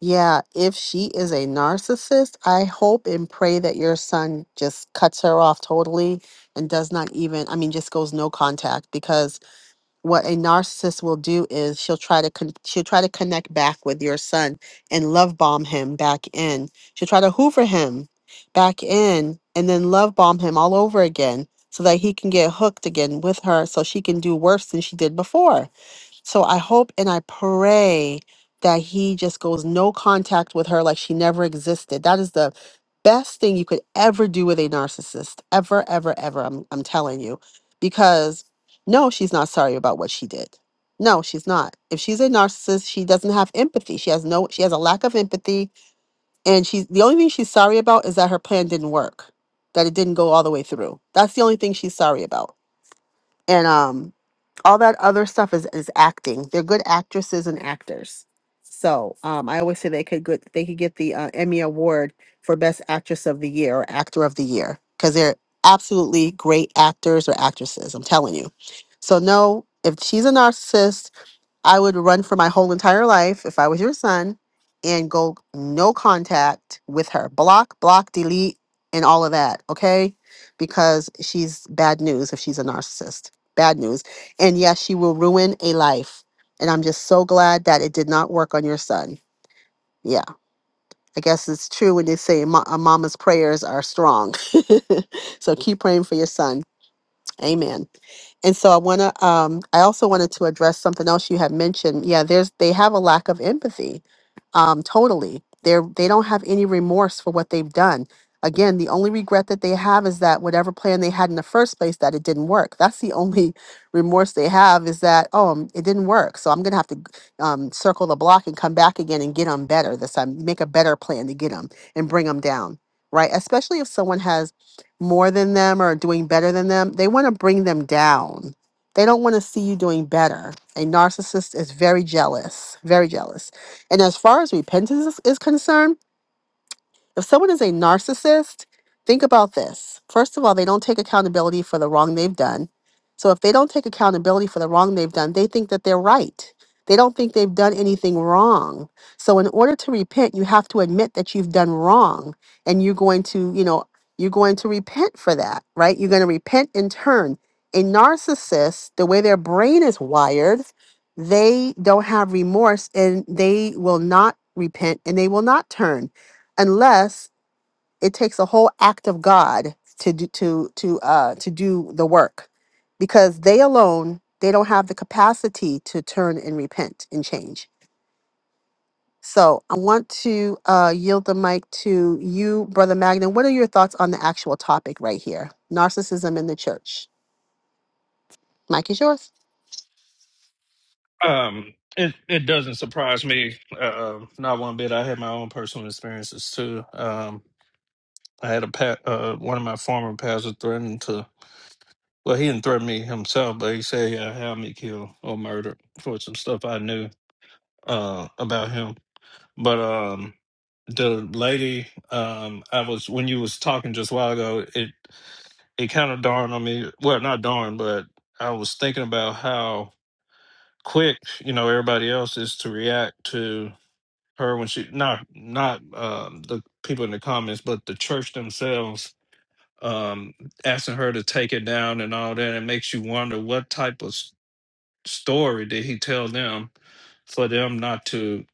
[SPEAKER 1] yeah, if she is a narcissist, I hope and pray that your son just cuts her off totally and does not even, I mean, just goes no contact because what a narcissist will do is she'll try to con- she'll try to connect back with your son and love bomb him back in. She'll try to hoover him back in and then love bomb him all over again so that he can get hooked again with her so she can do worse than she did before so I hope and I pray that he just goes no contact with her like she never existed. That is the best thing you could ever do with a narcissist. Ever, ever, ever. I'm, I'm telling you. Because no, she's not sorry about what she did. No, she's not. If she's a narcissist, she doesn't have empathy. She has no she has a lack of empathy and she's the only thing she's sorry about is that her plan didn't work. That it didn't go all the way through. That's the only thing she's sorry about and um all that other stuff is is acting they're good actresses and actors so um i always say they could good they could get the uh, emmy award for best actress of the year or actor of the year because they're absolutely great actors or actresses i'm telling you so no if she's a narcissist I would run for my whole entire life if I was your son and go no contact with her. Block, block, delete, and all of that, okay? Because she's bad news if she's a narcissist. Bad news. And yes, she will ruin a life. And I'm just so glad that it did not work on your son. Yeah, I guess it's true when they say mo- a mama's prayers are strong. (laughs) so keep praying for your son. Amen. And so I want to, um, I also wanted to address something else you had mentioned. Yeah, there's, they have a lack of empathy, um, totally. They're, they don't have any remorse for what they've done. Again, the only regret that they have is that whatever plan they had in the first place, that it didn't work. That's the only (laughs) remorse they have is that, oh, um, it didn't work. So I'm going to have to g- um, circle the block and come back again and get them better this time, make a better plan to get them and bring them down, right? Especially if someone has more than them or doing better than them. They want to bring them down. They don't want to see you doing better. A narcissist is very jealous, very jealous. And as far as repentance is is concerned, if someone is a narcissist, think about this. First of all, they don't take accountability for the wrong they've done. So if they don't take accountability for the wrong they've done, they think that they're right. They don't think they've done anything wrong. So in order to repent, you have to admit that you've done wrong and you're going to, you know, you're going to repent for that, right? You're going to repent in turn. A narcissist, the way their brain is wired, they don't have remorse and they will not repent and they will not turn unless it takes a whole act of God to do to to uh to do the work because they alone they don't have the capacity to turn and repent and change. So I want to uh, yield the mic to you, Brother Magnan. What are your thoughts on the actual topic right here? Narcissism in the church. Mike is yours.
[SPEAKER 4] Um, it, it doesn't surprise me uh, um, not one bit. I had my own personal experiences too. Um, I had a pa- uh, one of my former pastors threatened to. Well, he didn't threaten me himself, but he said he'll have me killed or murdered for some stuff I knew uh, about him. But um, the lady, um, I was when you was talking just a while ago, it it kind of dawned on me. Well, not dawned, but I was thinking about how quick you know everybody else is to react to her when she not not um, the people in the comments, but the church themselves um, asking her to take it down and all that. It makes you wonder what type of s- story did he tell them for them not to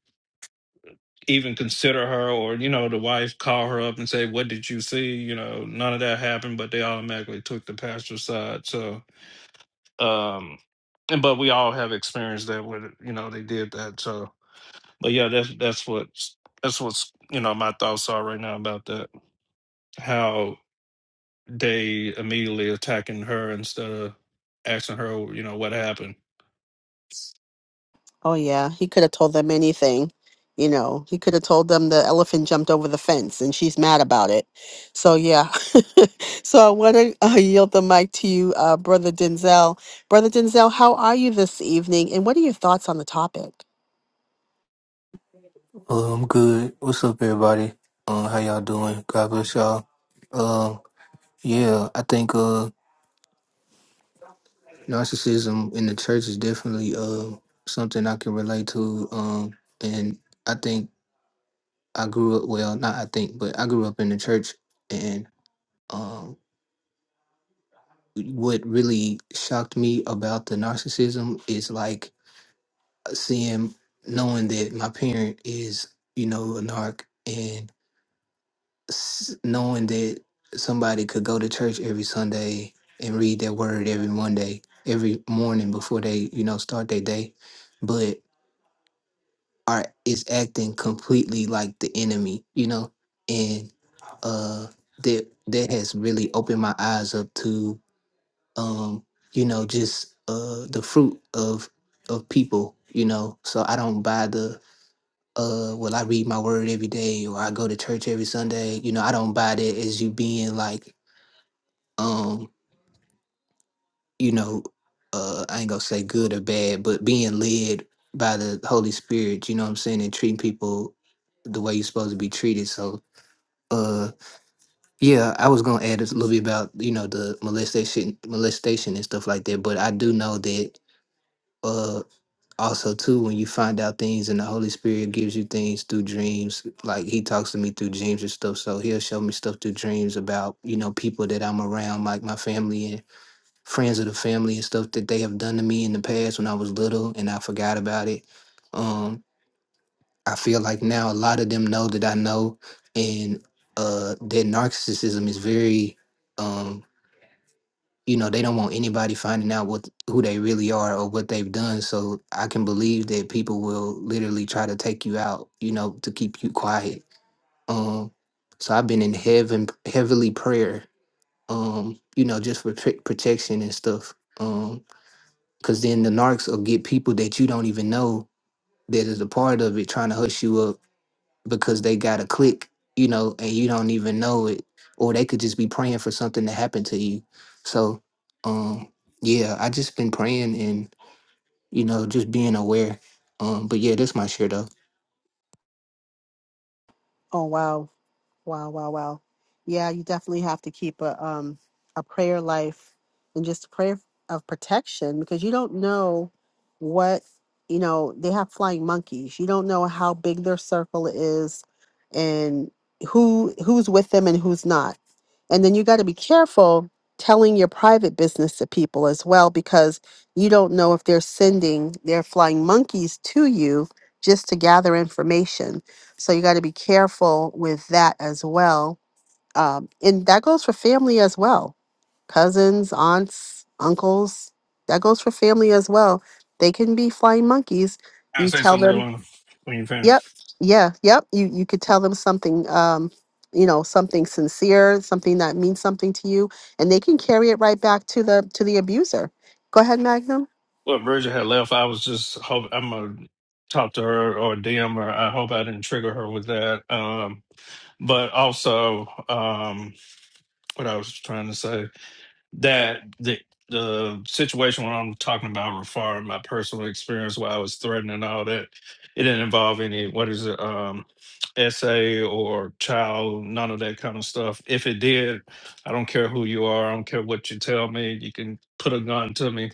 [SPEAKER 4] even consider her or, you know, the wife call her up and say, What did you see? You know, none of that happened, but they automatically took the pastor's side. So, um, and but we all have experienced that when you know they did that. So, but yeah, that's that's what that's what's you know my thoughts are right now about that. How they immediately attacking her instead of asking her, you know, what happened.
[SPEAKER 1] Oh yeah, he could have told them anything. You know, he could have told them the elephant jumped over the fence and she's mad about it. So yeah. (laughs) so I want to uh, yield the mic to you, uh, Brother Denzel. Brother Denzel, how are you this evening and what are your thoughts on the topic?
[SPEAKER 5] Uh, I'm good. What's up, everybody? Uh, how y'all doing? God bless y'all. Uh, yeah, I think uh, narcissism in the church is definitely uh, something I can relate to. Um, and I think I grew up, well, not I think, but I grew up in the church. And um, what really shocked me about the narcissism is like seeing, knowing that my parent is, you know, a narc. s- knowing that somebody could go to church every Sunday and read their word every Monday, every morning before they, you know, start their day, but are is acting completely like the enemy, you know, and uh, that that has really opened my eyes up to, um, you know, just uh, the fruit of of people, you know, so I don't buy the uh well i read my word every day or i go to church every sunday you know i don't buy that as you being like um, you know, uh, I ain't gonna say good or bad, but being led by the Holy Spirit, you know what I'm saying, and treating people the way you're supposed to be treated. So, uh, yeah, I was gonna add a little bit about you know the molestation, molestation and stuff like that, but I do know that uh also too when you find out things and the holy spirit gives you things through dreams like he talks to me through dreams and stuff so he'll show me stuff through dreams about you know people that i'm around like my family friends of the family and stuff that they have done to me in the past when I was little and I forgot about it. Um, I feel like now a lot of them know that I know and uh that narcissism is very um you know, they don't want anybody finding out what who they really are or what they've done. So I can believe that people will literally try to take you out, you know, to keep you quiet. Um so I've been in heaven heavily prayer, um, you know, just for pr- protection and stuff. Um, Cause then the narcs will get people that you don't even know that is a part of it trying to hush you up because they got a click, you know, and you don't even know it. Or they could just be praying for something to happen to you. So um yeah, I just been praying and, you know, just being aware. Um, but yeah, that's my share
[SPEAKER 1] Oh wow. Wow, wow, wow. Yeah, you definitely have to keep a um a prayer life and just a prayer of protection because you don't know what, you know, they have flying monkeys. You don't know how big their circle is and who who's with them and who's not. And then you got to be careful telling your private business to people as well because you don't know if they're sending their flying monkeys to you just to gather information so you got to be careful with that as well. Um, and that goes for family as well cousins, aunts, uncles. That goes for family as well. They can be flying monkeys.
[SPEAKER 4] Can I
[SPEAKER 1] You
[SPEAKER 4] say
[SPEAKER 1] tell
[SPEAKER 4] something real
[SPEAKER 1] them,
[SPEAKER 4] long when you
[SPEAKER 1] yep,
[SPEAKER 4] finish.
[SPEAKER 1] yeah, yep. You, you could tell them something, um, you know, something sincere, something that means something to you, and they can carry it right back to the to the abuser. Go ahead, Magnum.
[SPEAKER 4] Well, Bridget had left. I was just hope I'm gonna talk to her or DM her. I hope I didn't trigger her with that. Um, but also, um, what I was trying to say. that the the situation when I'm talking about referring my personal experience where I was threatened and all that, it didn't involve any what is it, um essay or child, none of that kind of stuff. If it did, I don't care who you are, I don't care what you tell me, you can put a gun to me,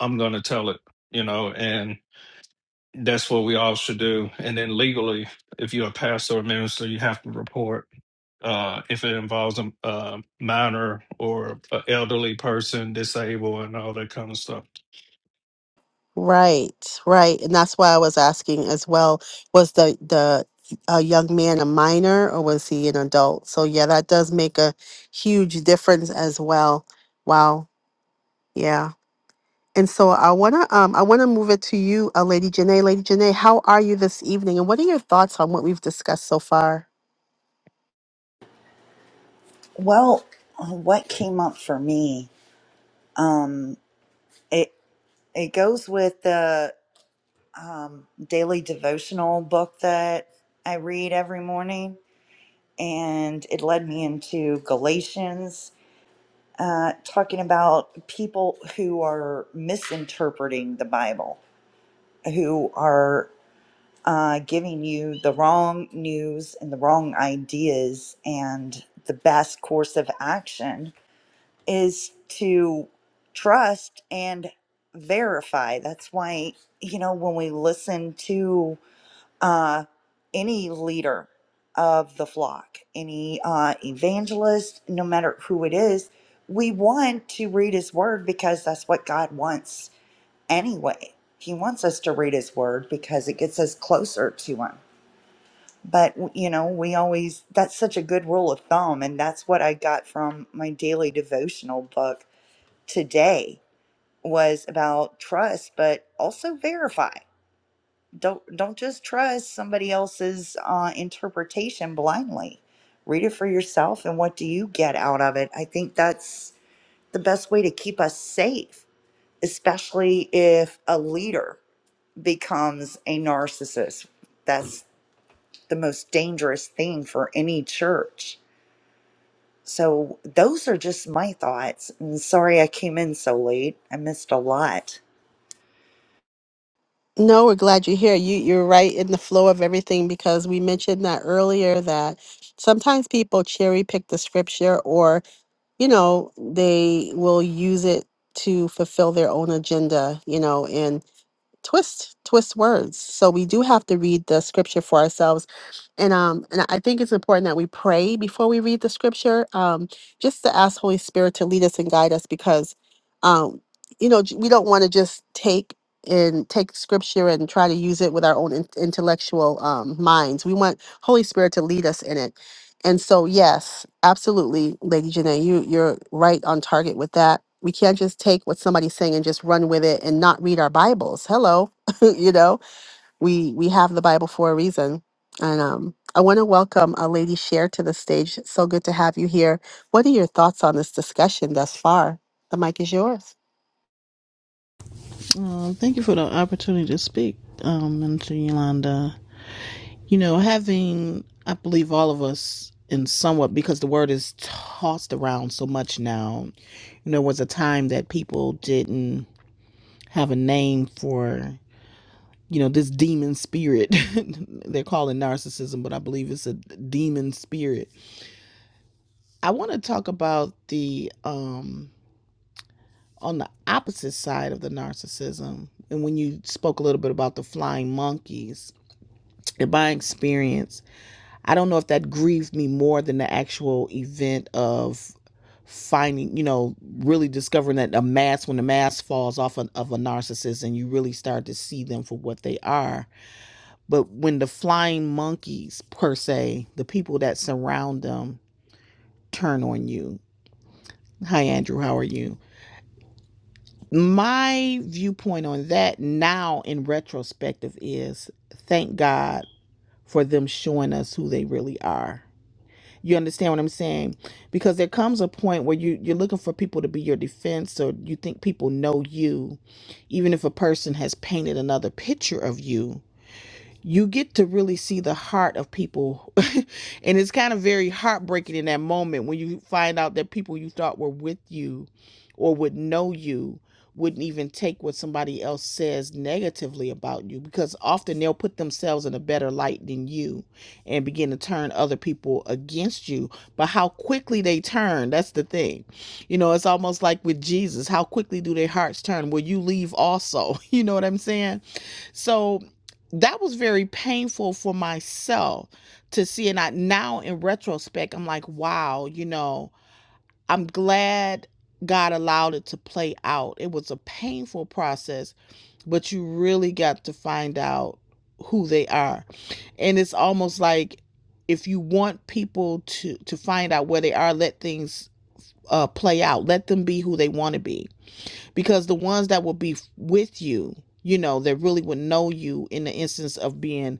[SPEAKER 4] I'm gonna tell it, you know, and that's what we all should do. And then legally, if you're a pastor or minister, you have to report uh, if it involves a, a minor or an elderly person, disabled, and all that kind of stuff.
[SPEAKER 1] Right, right. And that's why I was asking as well, was the the a young man a minor or was he an adult? So yeah, that does make a huge difference as well. Wow. Yeah. And so I wanna um I wanna move it to you, uh, Lady Janae. Lady Janae, how are you this evening? And what are your thoughts on what we've discussed so far?
[SPEAKER 6] Well, what came up for me, um, it it goes with the um, daily devotional book that I read every morning, and it led me into Galatians, uh, talking about people who are misinterpreting the Bible, who are uh, giving you the wrong news and the wrong ideas, and the best course of action is to trust and verify. That's why, you know, when we listen to uh, any leader of the flock, any uh, evangelist, no matter who it is, we want to read his word because that's what God wants anyway. He wants us to read his word because it gets us closer to him. But, you know, we always, that's such a good rule of thumb. And that's what I got from my daily devotional book today was about trust, but also verify. Don't don't just trust somebody else's uh, interpretation blindly. Read it for yourself, and what do you get out of it? I think that's the best way to keep us safe, especially if a leader becomes a narcissist. That's the most dangerous thing for any church. So those are just my thoughts. And sorry I came in so late. I missed a lot.
[SPEAKER 1] No, we're glad you're here. You you're right in the flow of everything because we mentioned that earlier that sometimes people cherry pick the scripture or you know, they will use it to fulfill their own agenda, you know, and twist twist words. So we do have to read the scripture for ourselves. And um and I think it's important that we pray before we read the scripture, um just to ask Holy Spirit to lead us and guide us because um you know, j- we don't want to just take and take scripture and try to use it with our own in- intellectual um minds. We want Holy Spirit to lead us in it and so, yes, absolutely, Lady Janae, you you're right on target with that. We can't just take what somebody's saying and just run with it and not read our Bibles. Hello, (laughs) you know, we we have the Bible for a reason. And um, I want to welcome uh, Lady Share to the stage. so good to have you here. What are your thoughts on this discussion thus far? The mic is yours.
[SPEAKER 7] Uh, thank you for the opportunity to speak, um, Minister Yolanda. You know, having, I believe, all of us in somewhat, because the word is tossed around so much now, you know, was a time that people didn't have a name for, you know, this demon spirit. (laughs) They're calling narcissism, but I believe it's a demon spirit. I want to talk about the, um, on the opposite side of the narcissism. And when you spoke a little bit about the flying monkeys, in my experience, I don't know if that grieved me more than the actual event of finding, you know, really discovering that a mask, when the mask falls off of, of a narcissist and you really start to see them for what they are. But when the flying monkeys, per se, the people that surround them turn on you. Hi, Andrew, how are you? My viewpoint on that now in retrospective is thank God for them showing us who they really are You understand what I'm saying? Because there comes a point where you you're looking for people to be your defense, or you think people know you, even if a person has painted another picture of you you get to really see the heart of people. (laughs) and it's kind of very heartbreaking in that moment when you find out that people you thought were with you or would know you wouldn't even take what somebody else says negatively about you because often they'll put themselves in a better light than you and begin to turn other people against you. But how quickly they turn, that's the thing. You know, it's almost like with Jesus, how quickly do their hearts turn? Will you leave also? (laughs) You know what I'm saying? So that was very painful for myself to see. And I now in retrospect, I'm like, wow, you know, I'm glad God allowed it to play out. It was a painful process, but you really got to find out who they are. And it's almost like if you want people to to find out where they are, let things uh play out. Let them be who they want to be because the ones that will be with you you know that really would know you in the instance of being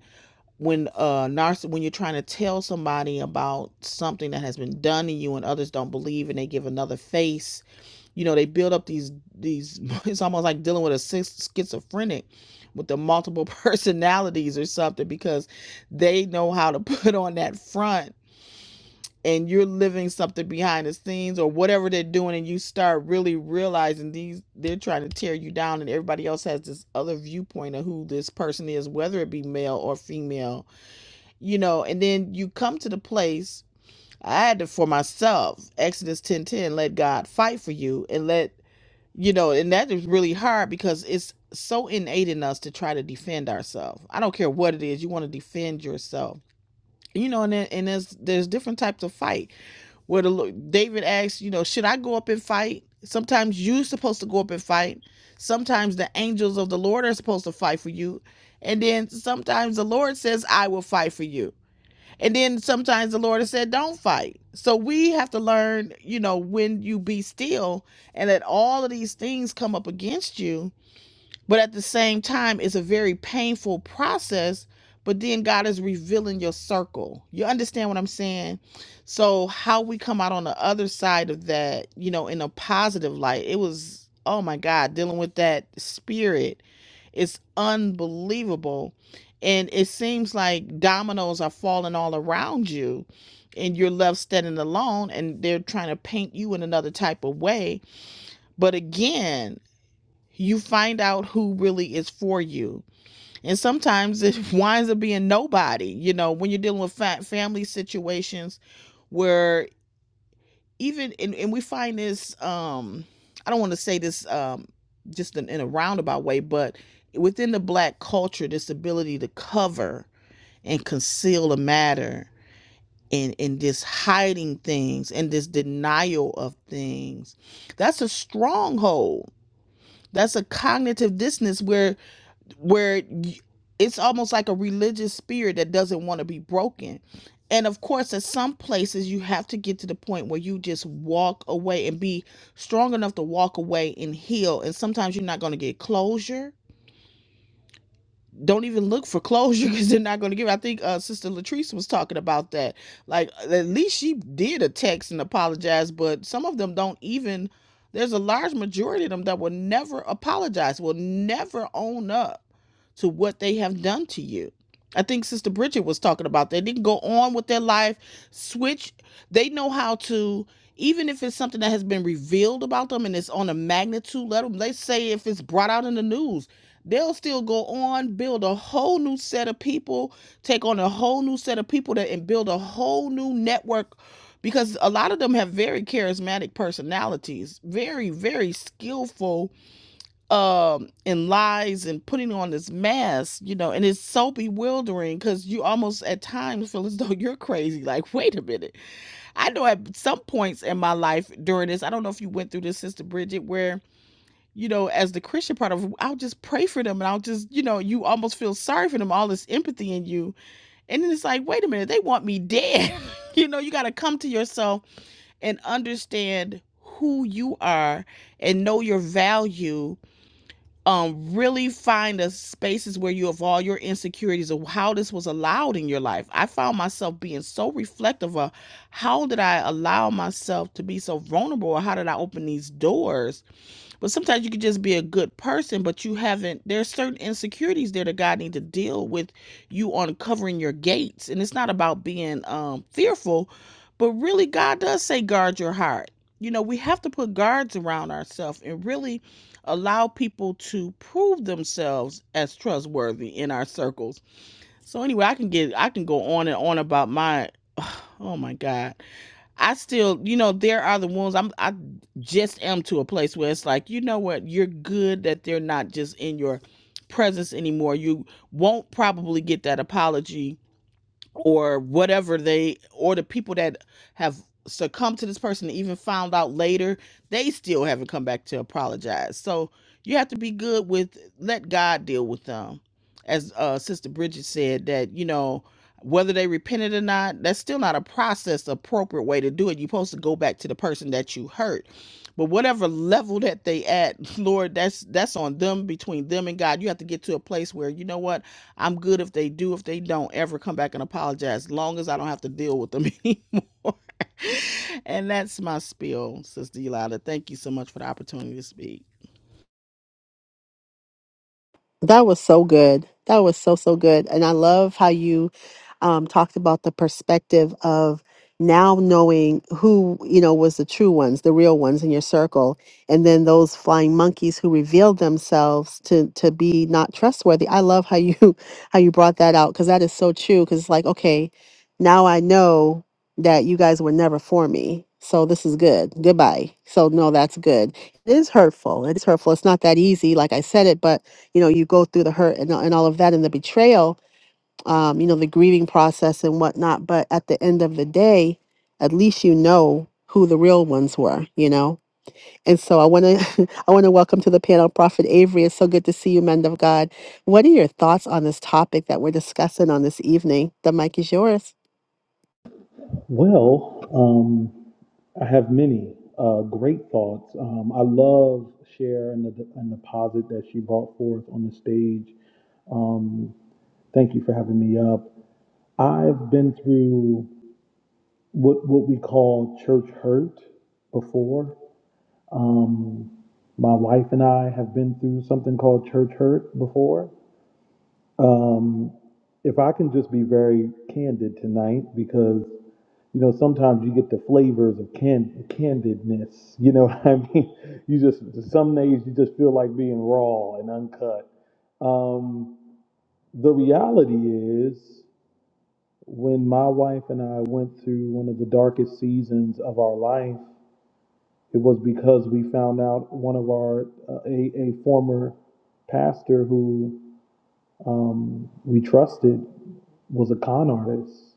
[SPEAKER 7] when uh narciss when you're trying to tell somebody about something that has been done to you and others don't believe and they give another face you know they build up these these (laughs) it's almost like dealing with a schizophrenic with the multiple (laughs) personalities or something because they know how to put on that front and you're living something behind the scenes or whatever they're doing and you start really realizing these they're trying to tear you down and everybody else has this other viewpoint of who this person is whether it be male or female you know and then you come to the place i had to for myself exodus ten. ten, let god fight for you and let you know and that is really hard because it's so innate in us to try to defend ourselves i don't care what it is you want to defend yourself you know and, there- and there's there's different types of fight where the Lo- David asks, you know, should I go up and fight? Sometimes you're supposed to go up and fight. Sometimes the angels of the Lord are supposed to fight for you. And then sometimes the Lord says, I will fight for you. And then sometimes the Lord has said, don't fight. So we have to learn, you know, when you be still and that all of these things come up against you but at the same time, it's a very painful process. But then God is revealing your circle. You understand what I'm saying? So, how we come out on the other side of that, you know, in a positive light, it was, oh my God, dealing with that spirit it's unbelievable. And it seems like dominoes are falling all around you, and you're left standing alone, and they're trying to paint you in another type of way. But again, you find out who really is for you. And sometimes it (laughs) winds up being nobody, you know, when you're dealing with fa- family situations where even, and, and we find this, um, I don't want to say this um, just in, in a roundabout way, but within the black culture, this ability to cover and conceal a matter and, and this hiding things and this denial of things, that's a stronghold. That's a cognitive dissonance where where y- it's almost like a religious spirit that doesn't want to be broken. And of course, at some places, you have to get to the point where you just walk away and be strong enough to walk away and heal. And sometimes you're not going to get closure. Don't even look for closure (laughs) because they're not going to give. it. I think uh, Sister Latrice was talking about that. Like, at least she did a text and apologize, but some of them don't even. There's a large majority of them that will never apologize, will never own up to what they have done to you. I think Sister Bridget was talking about that. They can go on with their life, switch. They know how to, even if it's something that has been revealed about them and it's on a magnitude level, let's say if it's brought out in the news, they'll still go on, build a whole new set of people, take on a whole new set of people that, and build a whole new network because a lot of them have very charismatic personalities, very, very skillful um and lies and putting on this mask you know and it's so bewildering because you almost at times feel as (laughs) though you're crazy like wait a minute i know at some points in my life during this i don't know if you went through this sister bridget where you know as the christian part of i'll just pray for them and i'll just you know you almost feel sorry for them all this empathy in you and then it's like wait a minute they want me dead (laughs) you know you got to come to yourself and understand who you are and know your value um really find the spaces where you have all your insecurities of how this was allowed in your life i found myself being so reflective of how did i allow myself to be so vulnerable or how did i open these doors but sometimes you could just be a good person, but you haven't. There's certain insecurities there that God need to deal with you uncovering your gates, and it's not about being um, fearful, but really God does say guard your heart. You know, we have to put guards around ourselves and really allow people to prove themselves as trustworthy in our circles. So anyway, I can get I can go on and on about my (sighs) oh my God I still, you know, there are the ones I'm I just am to a place where it's like, you know what, you're good that they're not just in your presence anymore. You won't probably get that apology or whatever they or the people that have succumbed to this person and even found out later they still haven't come back to apologize so you have to be good with let god deal with them as uh sister bridget said that you know whether they repented or not that's still not a process appropriate way to do it you're supposed to go back to the person that you hurt but whatever level that they at (laughs) lord that's that's on them between them and god you have to get to a place where you know what I'm good if they do, if they don't ever come back and apologize, as long as I don't have to deal with them (laughs) anymore. (laughs) and that's my spiel, Sister Yolanda. Thank you so much for the opportunity to speak.
[SPEAKER 1] That was so good. That was so, so good. And I love how you um, talked about the perspective of now knowing who, you know, was the true ones, the real ones in your circle. And then those flying monkeys who revealed themselves to, to be not trustworthy. I love how you, (laughs) how you brought that out. Cause that is so true. Cause it's like, okay, now I know that you guys were never for me. So this is good. Goodbye. So no, that's good. It is hurtful. It is hurtful. It's not that easy. Like I said it, but you know you go through the hurt and, and all of that and the betrayal um, you know the grieving process and whatnot but at the end of the day at least you know who the real ones were you know and so i want to (laughs) i want to welcome to the panel prophet avery it's so good to see you men of god what are your thoughts on this topic that we're discussing on this evening the mic is yours
[SPEAKER 8] Well, um, I have many uh, great thoughts. Um, I love Cher and the and the posit that she brought forth on the stage. Um, thank you for having me up. I've been through what what we call church hurt before. Um, my wife and I have been through something called church hurt before. Um, if I can just be very candid tonight, because you know, sometimes you get the flavors of can- candidness. You know (laughs) what I mean? (laughs) You just, some days you just feel like being raw and uncut. Um, the reality is, when my wife and I went through one of the darkest seasons of our life, it was because we found out one of our, uh, a, a former pastor who um, we trusted was a con artist.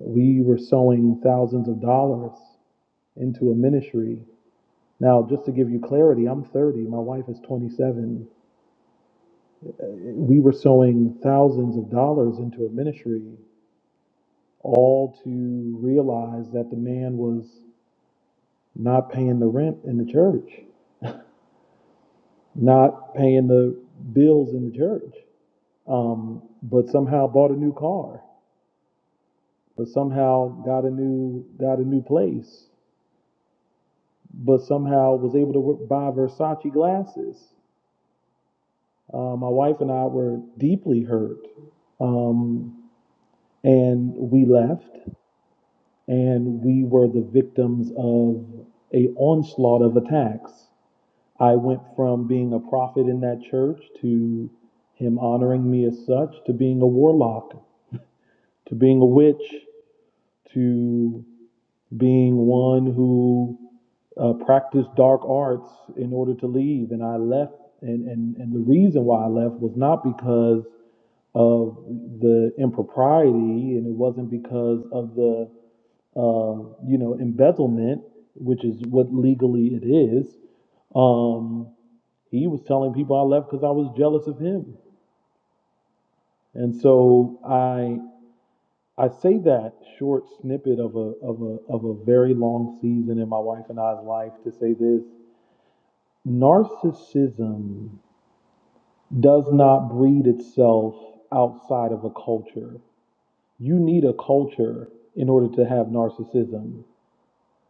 [SPEAKER 8] We were sowing thousands of dollars into a ministry. Now, just to give you clarity, I'm 30, my wife is 27. We were sowing thousands of dollars into a ministry, all to realize that the man was not paying the rent in the church, not paying the bills in the church, um, but somehow bought a new car, but somehow got a new got a new place, but somehow was able to buy Versace glasses Uh, my wife and I were deeply hurt, um, and we left, and we were the victims of a onslaught of attacks. I went from being a prophet in that church to him honoring me as such, to being a warlock, to being a witch, to being one who uh, practiced dark arts in order to leave. And I left, and, and, and the reason why I left was not because of the impropriety, and it wasn't because of the, uh, you know, embezzlement, which is what legally it is. Um, he was telling people I left because I was jealous of him. And so I. I say that short snippet of a of a of a very long season in my wife and I's life to say this. Narcissism does not breed itself outside of a culture. You need a culture in order to have narcissism.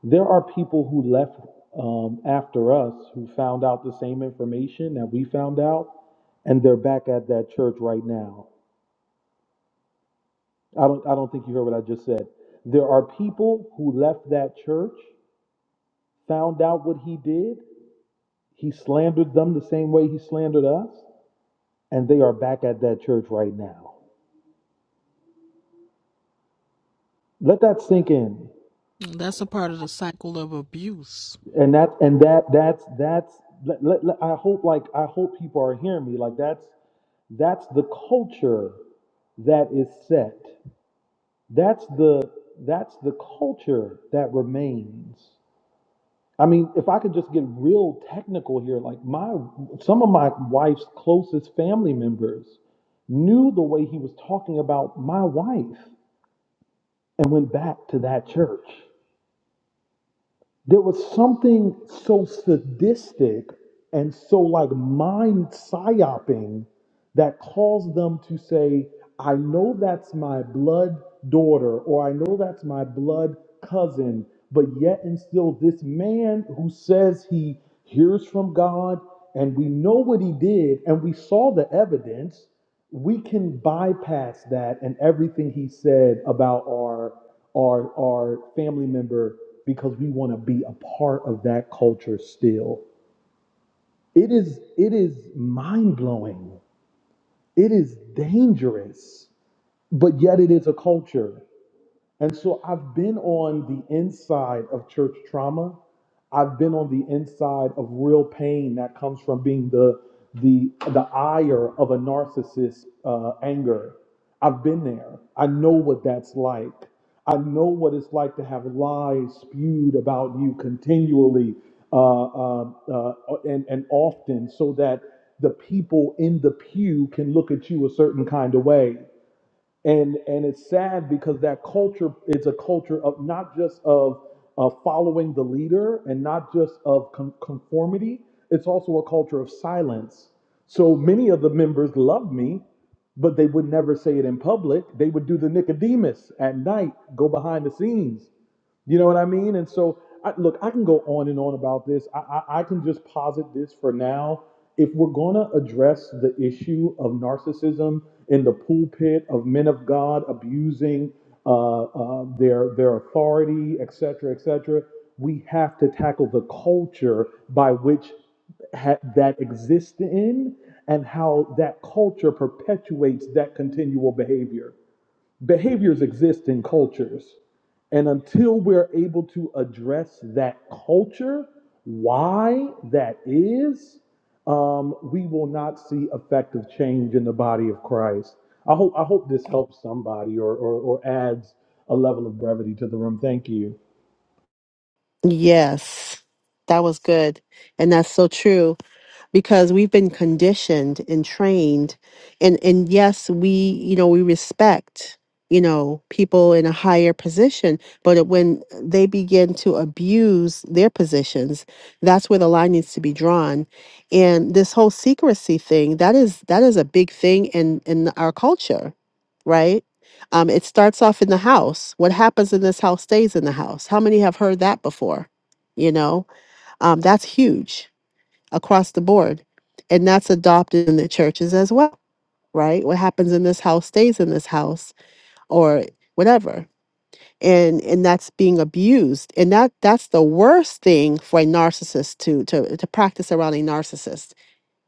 [SPEAKER 8] There are people who left um, after us who found out the same information that we found out, and they're back at that church right now. I don't I don't think you heard what I just said. There are people who left that church found out what he did. He slandered them the same way he slandered us, and they are back at that church right now. Let that sink in,
[SPEAKER 7] That's a part of the cycle of abuse.
[SPEAKER 8] and that and that that's that's. Let, let, let- I hope like I hope people are hearing me. Like that's that's the culture that is set. That's the that's the culture that remains. I mean, if I could just get real technical here, like my some of my wife's closest family members knew the way he was talking about my wife and went back to that church. There was something so sadistic and so like mind psyoping that caused them to say, I know that's my blood daughter, or I know that's my blood cousin, but yet and still, this man who says he hears from God, and we know what he did, and we saw the evidence we can bypass that and everything he said about our our our family member because we want to be a part of that culture still it is it is mind blowing it is dangerous but yet it is a culture and so I've been on the inside of church trauma. I've been on the inside of real pain that comes from being the the the ire of a narcissist uh, anger. I've been there. I know what that's like. I know what it's like to have lies spewed about you continually uh, uh, uh, and and often, so that the people in the pew can look at you a certain kind of way and and it's sad because that culture is a culture of not just of of following the leader and not just of con- conformity it's also a culture of silence so many of the members love me but they would never say it in public they would do the nicodemus at night go behind the scenes you know what I mean? And so, I, look, I can go on and on about this. I, I, I can just posit this for now. If we're going to address the issue of narcissism in the pulpit of men of God abusing uh, uh, their their authority, et cetera, et cetera, we have to tackle the culture by which ha- that exists in and how that culture perpetuates that continual behavior behaviors exist in cultures. And until we're able to address that culture, why that is, um, we will not see effective change in the body of Christ. I hope I hope this helps somebody or, or, or adds a level of brevity to the room. Thank you.
[SPEAKER 1] yes that was good and that's so true because we've been conditioned and trained and and yes we you know we respect you know people in a higher position but it- when they begin to abuse their positions that's where the line needs to be drawn and this whole secrecy thing that is that is a big thing in in our culture right um it starts off in the house what happens in this house stays in the house how many have heard that before you know um that's huge across the board. And that's adopted in the churches as well, right? What happens in this house stays in this house or whatever. And and that's being abused. And that that's the worst thing for a narcissist to to, to practice around a narcissist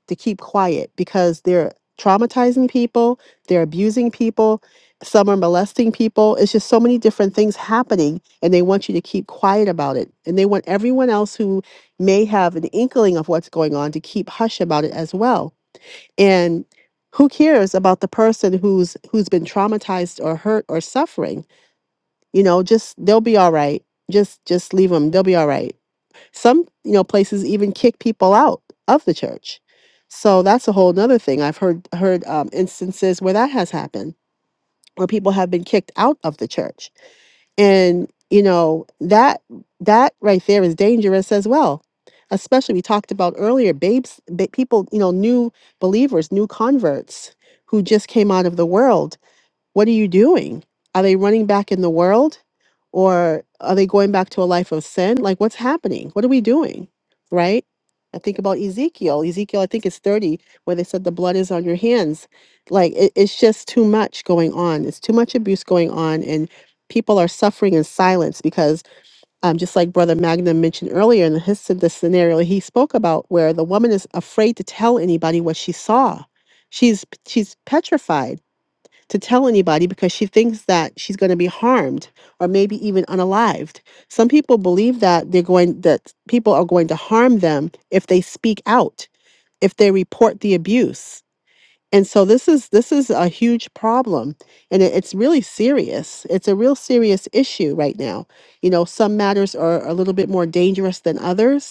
[SPEAKER 1] to keep quiet because they're traumatizing people, they're abusing people, some are molesting people. It's just so many different things happening, and they want you to keep quiet about it. And they want everyone else who may have an inkling of what's going on to keep hush about it as well. And who cares about the person who's who's been traumatized or hurt or suffering? You know, just they'll be all right. Just just leave them. They'll be all right some you know places even kick people out of the church so that's a whole nother thing i've heard heard um, instances where that has happened where people have been kicked out of the church and you know that that right there is dangerous as well especially we talked about earlier babes ba- people you know new believers new converts who just came out of the world what are you doing? Are they running back in the world or are they going back to a life of sin? Like, what's happening? What are we doing? Right? I think about Ezekiel. Ezekiel, I think it's 30, where they said the blood is on your hands. Like, it, it's just too much going on. It's too much abuse going on. And people are suffering in silence because, um, just like Brother Magnum mentioned earlier in his the scenario he spoke about, where the woman is afraid to tell anybody what she saw. She's she's petrified to tell anybody because she thinks that she's going to be harmed or maybe even unalived. Some people believe that they're going that people are going to harm them if they speak out, if they report the abuse. And so this is this is a huge problem and it, it's really serious. It's a real serious issue right now. You know, some matters are a little bit more dangerous than others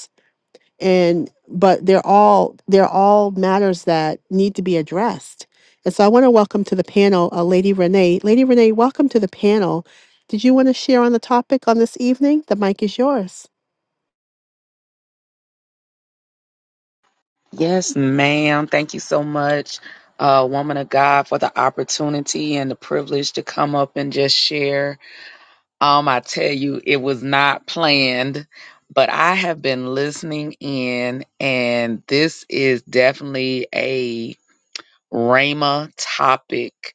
[SPEAKER 1] and but they're all they're all matters that need to be addressed and so i want to welcome to the panel uh, lady renee lady renee welcome to the panel did you want to share on the topic on this evening the mic is yours
[SPEAKER 9] Yes, ma'am. Thank you so much, uh, woman of God, for the opportunity and the privilege to come up and just share. Um, I tell you, it was not planned, but I have been listening in, and this is definitely a Rhema topic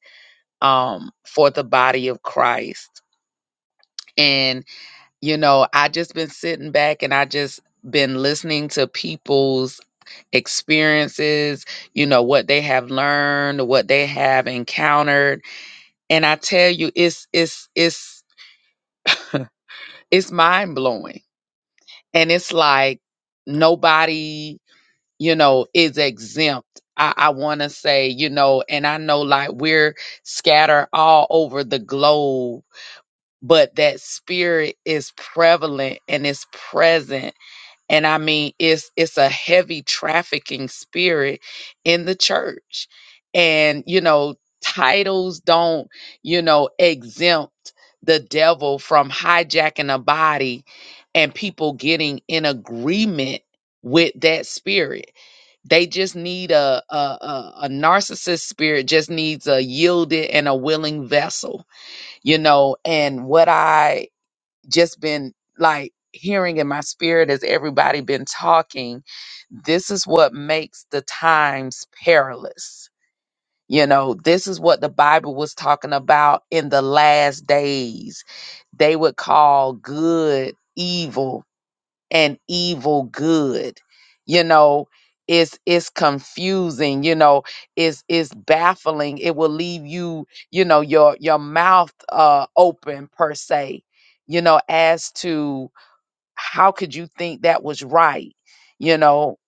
[SPEAKER 9] um, for the body of Christ. And, you know, I just been sitting back and I just been listening to people's experiences, you know, what they have learned, what they have encountered. And I tell you, it's it's it's it's mind blowing. And it's like nobody, you know, is exempt. I, I wanna say, you know, and I know like we're scattered all over the globe, but that spirit is prevalent and it's present and i mean it's it's a heavy trafficking spirit in the church and you know titles don't you know exempt the devil from hijacking a body and people getting in agreement with that spirit they just need a a, a, a narcissist spirit just needs a yielded and a willing vessel you know and what i just been like hearing in my spirit as everybody been talking this is what makes the times perilous you know this is what the bible was talking about in the last days they would call good evil and evil good you know it's it's confusing you know it's it's baffling it will leave you you know your your mouth uh open per se you know as to how could you think that was right you know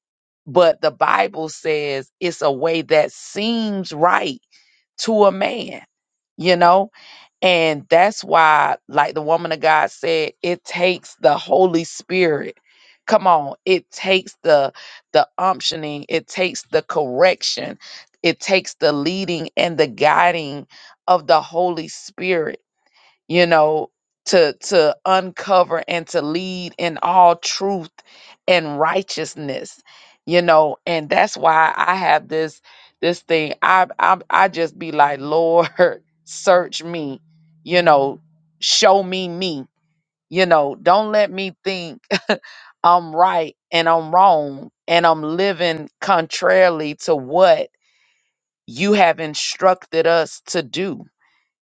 [SPEAKER 9] but the bible says it's a way that seems right to a man you know and that's why, like the woman of God said, it takes the Holy Spirit. Come on, it takes the the unctioning, it takes the correction, it takes the leading and the guiding of the Holy Spirit you know, to to uncover and to lead in all truth and righteousness, you know, and that's why I have this this thing. I I I just be like, Lord, (laughs) search me, you know, show me me, you know, don't let me think (laughs) I'm right and I'm wrong and I'm living contrarily to what you have instructed us to do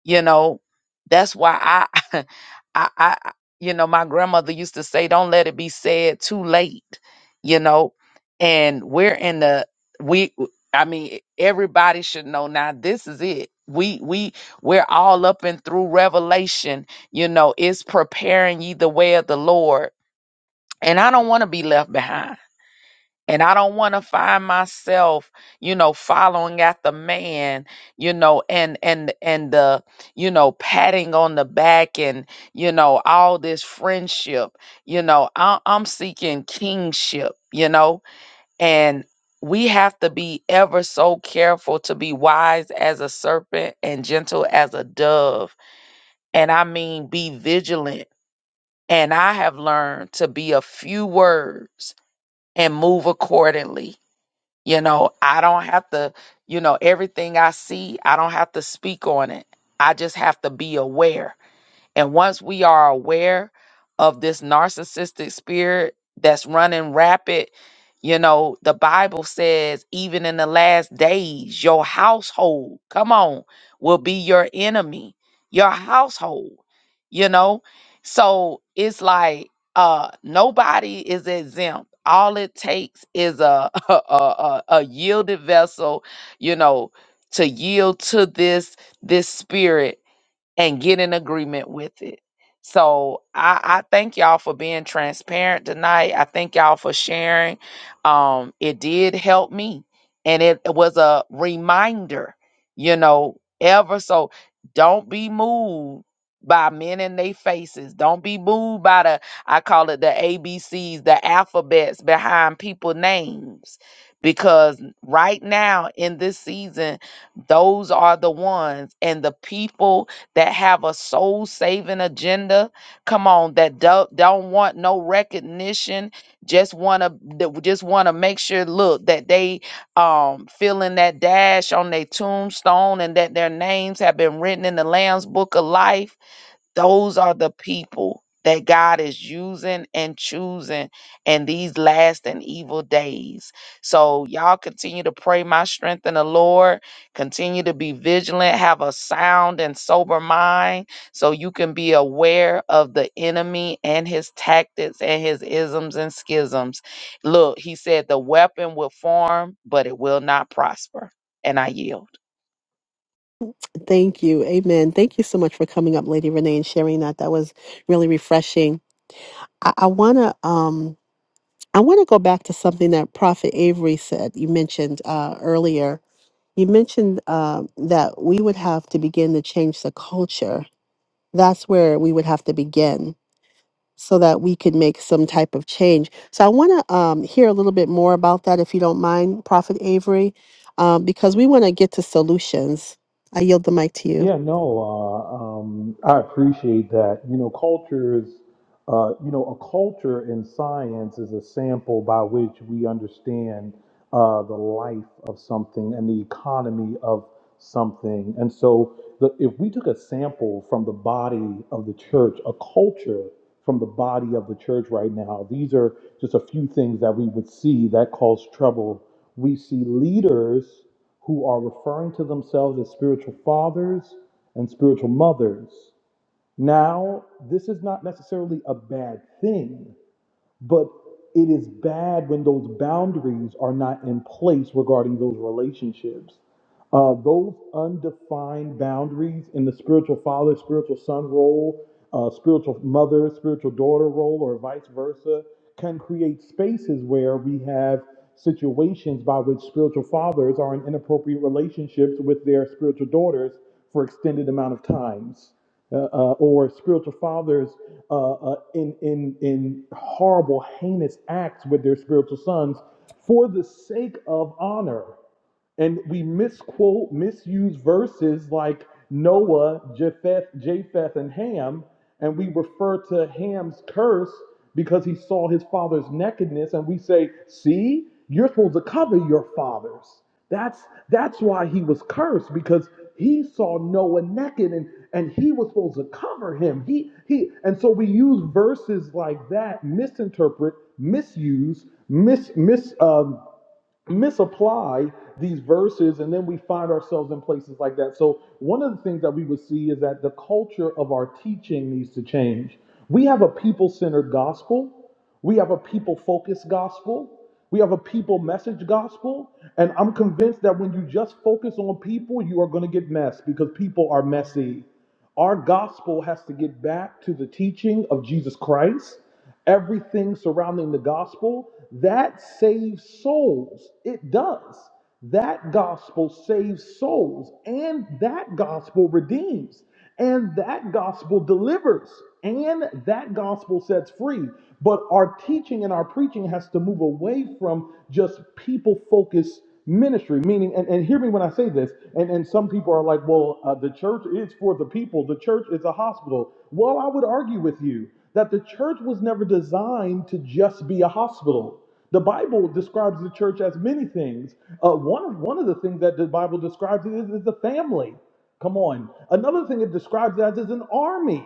[SPEAKER 9] you know that's why i (laughs) I, I I- you know my grandmother used to say don't let it be said too late you know and we're in the we i mean everybody should know now this is it we we we're all up and through revelation you know it's preparing ye the way of the lord and i don't want to be left behind and I don't want to find myself, you know, following after man, you know, and and and the, you know, patting on the back and you know all this friendship. You know, I, I'm seeking kingship. You know, and we have to be ever so careful to be wise as a serpent and gentle as a dove. And I mean, be vigilant. And I have learned to be a few words and move accordingly you know, I don't have to, you know, everything I see, I don't have to speak on it. I just have to be aware and once we are aware of this narcissistic spirit that's running rapid, you know, the Bible says, even in the last days, your household, come on, will be your enemy, your household, you know? So it's like uh nobody is exempt. All it takes is a (laughs) a, a, a yielded vessel, you know, to yield to this this spirit and get in agreement with it. So I, I thank y'all for being transparent tonight. I thank y'all for sharing. Um, it did help me, and it was a reminder, you know, ever so. Don't be moved by men in their faces. Don't be moved by the I call it the ABCs, the alphabets behind people names, because right now in this season, those are the ones and the people that have a soul saving agenda. Come on, that don't, don't want no recognition, just want to just want to make sure look that they um feeling that dash on their tombstone and that their names have been written in the Lamb's book of life those are the people that God is using and choosing in these last and evil days. So, y'all continue to pray my strength in the Lord. Continue to be vigilant, have a sound and sober mind so you can be aware of the enemy and his tactics and his isms and schisms. Look, he said, The weapon will form, but it will not prosper. And I yield.
[SPEAKER 1] thank you amen thank you so much for coming up lady renee and sharing that that was really refreshing i, I want to um i want to go back to something that prophet avery said you mentioned uh, earlier you mentioned uh, that we would have to begin to change the culture that's where we would have to begin so that we could make some type of change. So I want to um, hear a little bit more about that, if you don't mind, Prophet Avery, um, because we want to get to solutions. I yield the mic to you.
[SPEAKER 8] Yeah, no, uh, um, I appreciate that. You know, culture is, uh, you know, a culture in science is a sample by which we understand uh, the life of something and the economy of something. And so, the, if we took a sample from the body of the church, a culture from the body of the church right now, these are just a few things that we would see that cause trouble. We see leaders who are referring to themselves as spiritual fathers and spiritual mothers. Now, this is not necessarily a bad thing, but it is bad when those boundaries are not in place regarding those relationships. Uh, those undefined boundaries in the spiritual father, spiritual son role, uh, spiritual mother, spiritual daughter role, or vice versa, can create spaces where we have situations by which spiritual fathers are in inappropriate relationships with their spiritual daughters for extended amount of times, uh, uh, or spiritual fathers uh, uh, in, in, in horrible, heinous acts with their spiritual sons for the sake of honor and we misquote, misuse verses like Noah, Japheth, Japheth, and Ham, and we refer to Ham's curse because he saw his father's nakedness, and we say, "See, you're supposed to cover your fathers." That's that's why he was cursed because he saw Noah naked, and and he was supposed to cover him. He he, and so we use verses like that, misinterpret, misuse, mis mis um misapply these verses and then we find ourselves in places like that. So one of the things that we would see is that the culture of our teaching needs to change. We have a people-centered gospel. We have a people-focused gospel. We have a people message gospel. And I'm convinced that when you just focus on people, you are going to get messed because people are messy. Our gospel has to get back to the teaching of Jesus Christ, everything surrounding the gospel that saves souls. It does. That gospel saves souls, and that gospel redeems, and that gospel delivers, and that gospel sets free. But our teaching and our preaching has to move away from just people focused ministry meaning and, and hear me when i say this and, and some people are like well uh, the church is for the people the church is a hospital well i would argue with you that the church was never designed to just be a hospital the bible describes the church as many things uh, one, of, one of the things that the bible describes it is, is the family come on another thing it describes it as is an army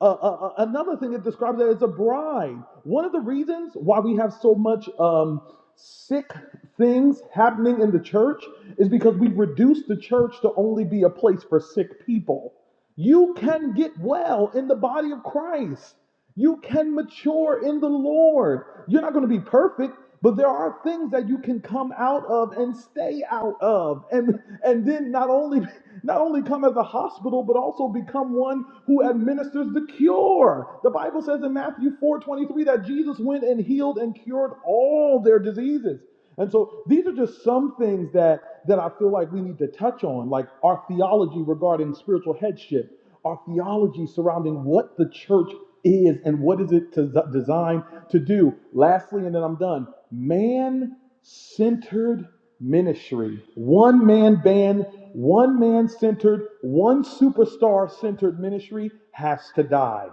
[SPEAKER 8] uh, uh, uh, another thing it describes it as a bride. One of the reasons why we have so much um, sick things happening in the church is because we've reduced the church to only be a place for sick people. You can get well in the body of Christ. You can mature in the Lord. You're not going to be perfect, but there are things that you can come out of and stay out of. And and then not only not only come as a hospital, but also become one who administers the cure. The Bible says in Matthew 4:23 that Jesus went and healed and cured all their diseases. And so these are just some things that that I feel like we need to touch on, like our theology regarding spiritual headship our theology surrounding what the church is and what is it to, designed to do. Lastly, and then I'm done, man-centered ministry. One man band, one man centered, one superstar centered ministry has to die.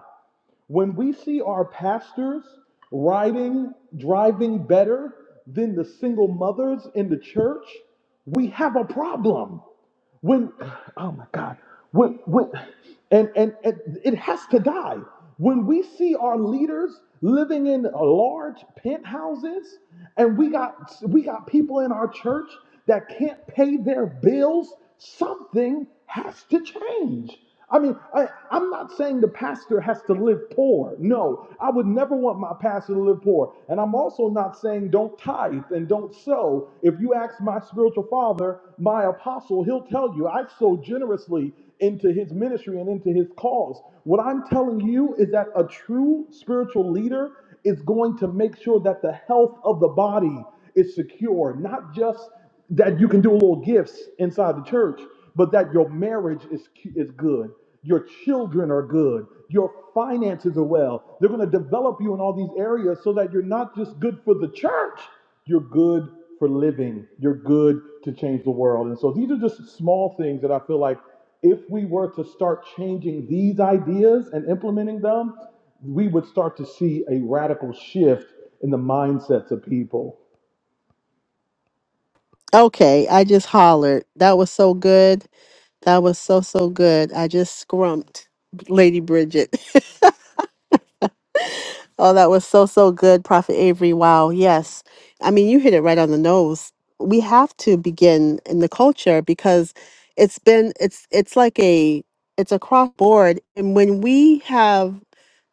[SPEAKER 8] When we see our pastors riding, driving better than the single mothers in the church, we have a problem. When, (sighs) oh my God, when, when, and, and, and it has to die. When we see our leaders living in large penthouses and we got, we got people in our church that can't pay their bills, something has to change. I mean, I, I'm not saying the pastor has to live poor. No, I would never want my pastor to live poor. And I'm also not saying don't tithe and don't sow. If you ask my spiritual father, my apostle, he'll tell you I sow generously into his ministry and into his cause. What I'm telling you is that a true spiritual leader is going to make sure that the health of the body is secure, not just that you can do little gifts inside the church, but that your marriage is is good, your children are good, your finances are well. They're going to develop you in all these areas so that you're not just good for the church, you're good for living, you're good to change the world. And so these are just small things that I feel like if we were to start changing these ideas and implementing them, we would start to see a radical shift in the mindsets of people.
[SPEAKER 1] Okay, I just hollered. That was so good. That was so, so good. I just scrumped Lady Bridget. (laughs) Oh, that was so, so good, Prophet Avery. Wow. Yes. I mean, you hit it right on the nose. We have to begin in the culture because it's been, it's, it's like a, it's a cross board. And when we have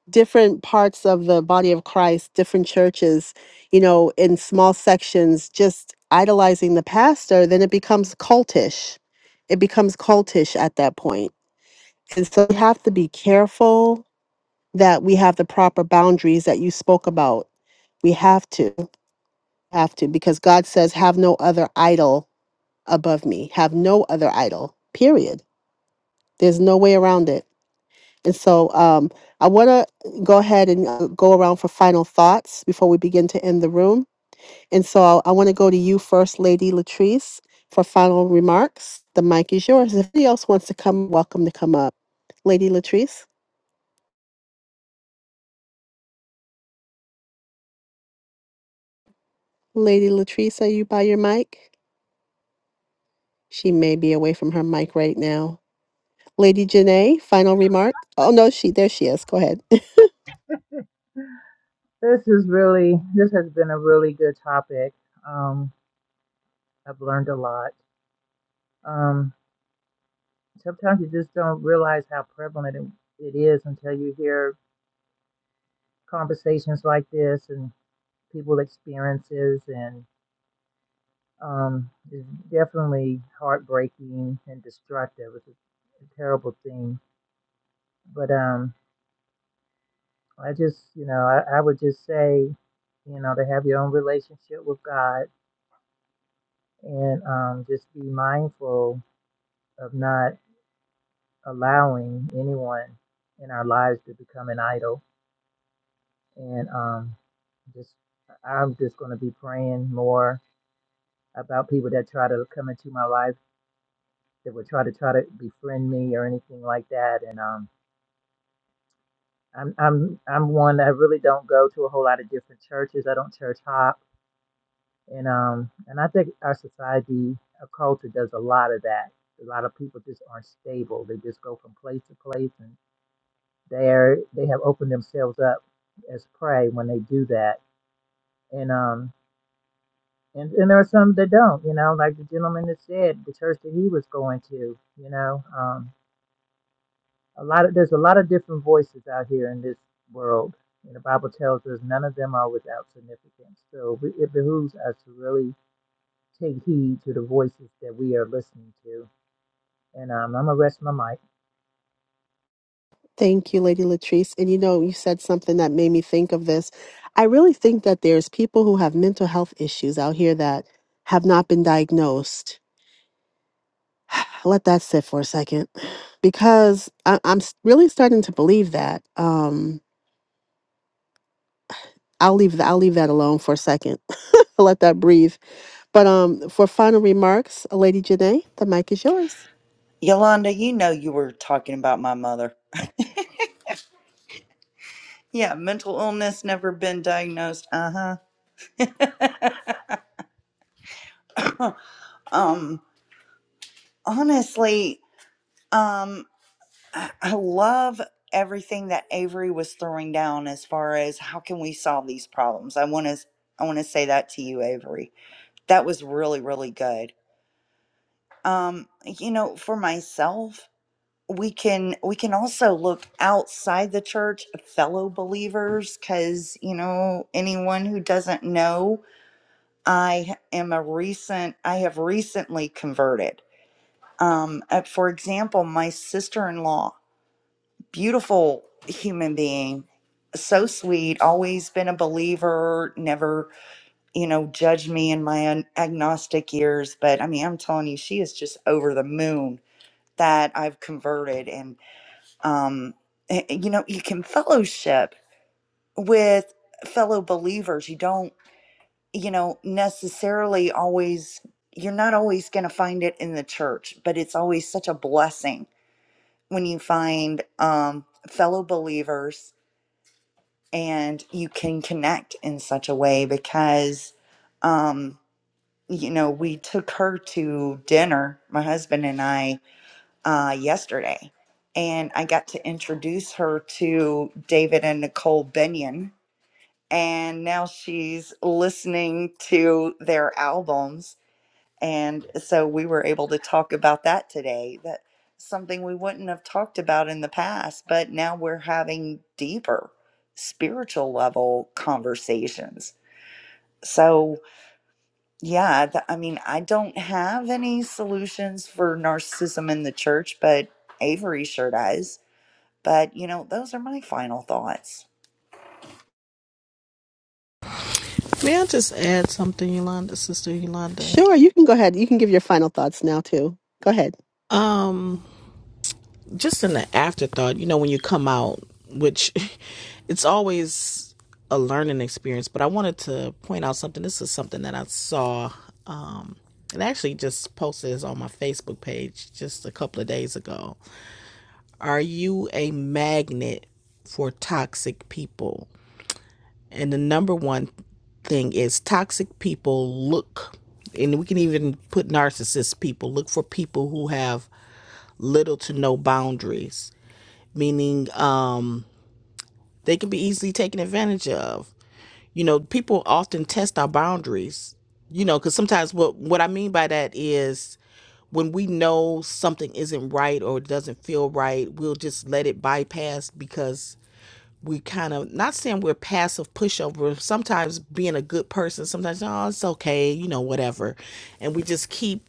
[SPEAKER 1] different parts of the body of Christ, different churches, you know, in small sections, just idolizing the pastor, then it becomes cultish. It becomes cultish at that point. And so we have to be careful that we have the proper boundaries that you spoke about. We have to, have to, because God says, have no other idol above me, have no other idol, period. There's no way around it. And so um, I want to go ahead and uh, go around for final thoughts before we begin to end the room. And so I want to go to you first, Lady Latrice, for final remarks. The mic is yours. If anybody else wants to come, welcome to come up. Lady Latrice, Lady Latrice, are you by your mic? She may be away from her mic right now. Lady Janae, final remark. Oh no, she there she is. Go ahead. (laughs)
[SPEAKER 3] specific um, a lot. Um, prevalent it it is until you hear conversations. people experiences and um really heartbreaking and destructive it's a terrible thing but um i just you know just say you know relationship with god and of not allowing anyone in our lives to become an idol and um just i'm just going to be praying more about people that try to come into my life that would try to try to befriend me or anything like that and um I'm I'm I'm one that really don't go to a whole lot of different churches. I don't church hop, and um and I think our society, our culture does a lot of that. A lot of people just aren't stable. They just go from place to place, and they're they have opened themselves up as prey when they do that. And um and and there are some that don't. You know, like the gentleman that said the church that he was going to. You know, um. A lot of there's a lot of different voices out here in this world, and the Bible tells us none of them are without significance. So we, it behooves you to take you and
[SPEAKER 1] Thank you, Lady Latrice. And you know, you said something that made me think of this. I really think that there's people who have mental health issues out here that have not been diagnosed. (sighs) Let that sit for a second, because I, I'm s- really starting to believe that. Um, I'll leave th- I'll leave that alone for a second. (laughs) Let that breathe. But um, for final remarks, Lady Janae, the mic is yours.
[SPEAKER 6] Yolanda, you know you were talking about my mother. Yeah, mental illness, never been diagnosed. Uh huh. Um, honestly, um, I love everything that Avery was throwing down as far as how can we solve these problems. I want to, I want to say that to you, Avery. That was really, really good. Um, you know, for myself, we can we can also look outside the church, fellow believers, because you know anyone who doesn't know I am a recent, I have recently converted. Um, uh, for example, my sister in law, beautiful human being, so sweet, always been a believer, never, you know, judged me in my un- agnostic years. But I mean, I'm telling you, she is just over the moon that I've converted. And, um, eh, eh, you know, you can fellowship with fellow believers. You don't you know, necessarily always, you're not always going to find it in the church, but it's always such a blessing when you find um, fellow believers and you can connect in such a way because, um, you know, we took her to dinner, my husband and I, uh, yesterday. And I got to introduce her to David and Nicole Benyon. And now she's listening to their albums And so we were able to talk about that today. That something we wouldn't have talked about in the past, but now we're having deeper spiritual level conversations. So, yeah, th- I mean, I don't have any solutions for narcissism in the church, but Avery sure does. But, you know, those are my final thoughts.
[SPEAKER 7] May I just add something, Yolanda, Sister Yolanda?
[SPEAKER 1] Sure, you can go ahead. You can give your final thoughts now, too. Go ahead.
[SPEAKER 7] Um, just in the afterthought, you know, when you come out, which (laughs) it's always a learning experience, but I wanted to point out something. This is something that I saw um, and actually just posted this on my Facebook page just a couple of days ago. Are you a magnet for toxic people? And the number one thing is toxic people look, and we can even put narcissist people, look for people who have little to no boundaries meaning um, they can be easily taken advantage of. You know, people often test our boundaries. You know, because sometimes what what I mean by that is when we know something isn't right or it doesn't feel right, we'll just let it bypass because we kind of not saying we're passive pushover. Sometimes being a good person, sometimes oh it's okay, you know whatever, and we just keep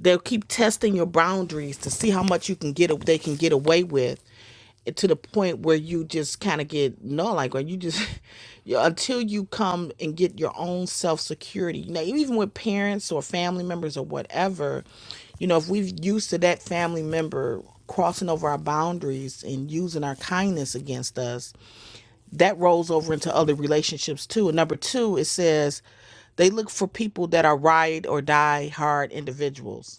[SPEAKER 7] They'll keep testing your boundaries to see how much you can get they can get away with to the point where you just kind of get no like or you just (laughs) you, until you come and get your own self security Now even with parents or family members or whatever you know if we've used to that family member crossing over our boundaries and using our kindness against us that rolls over into other relationships too and number two it says they look for people that are ride or die hard individuals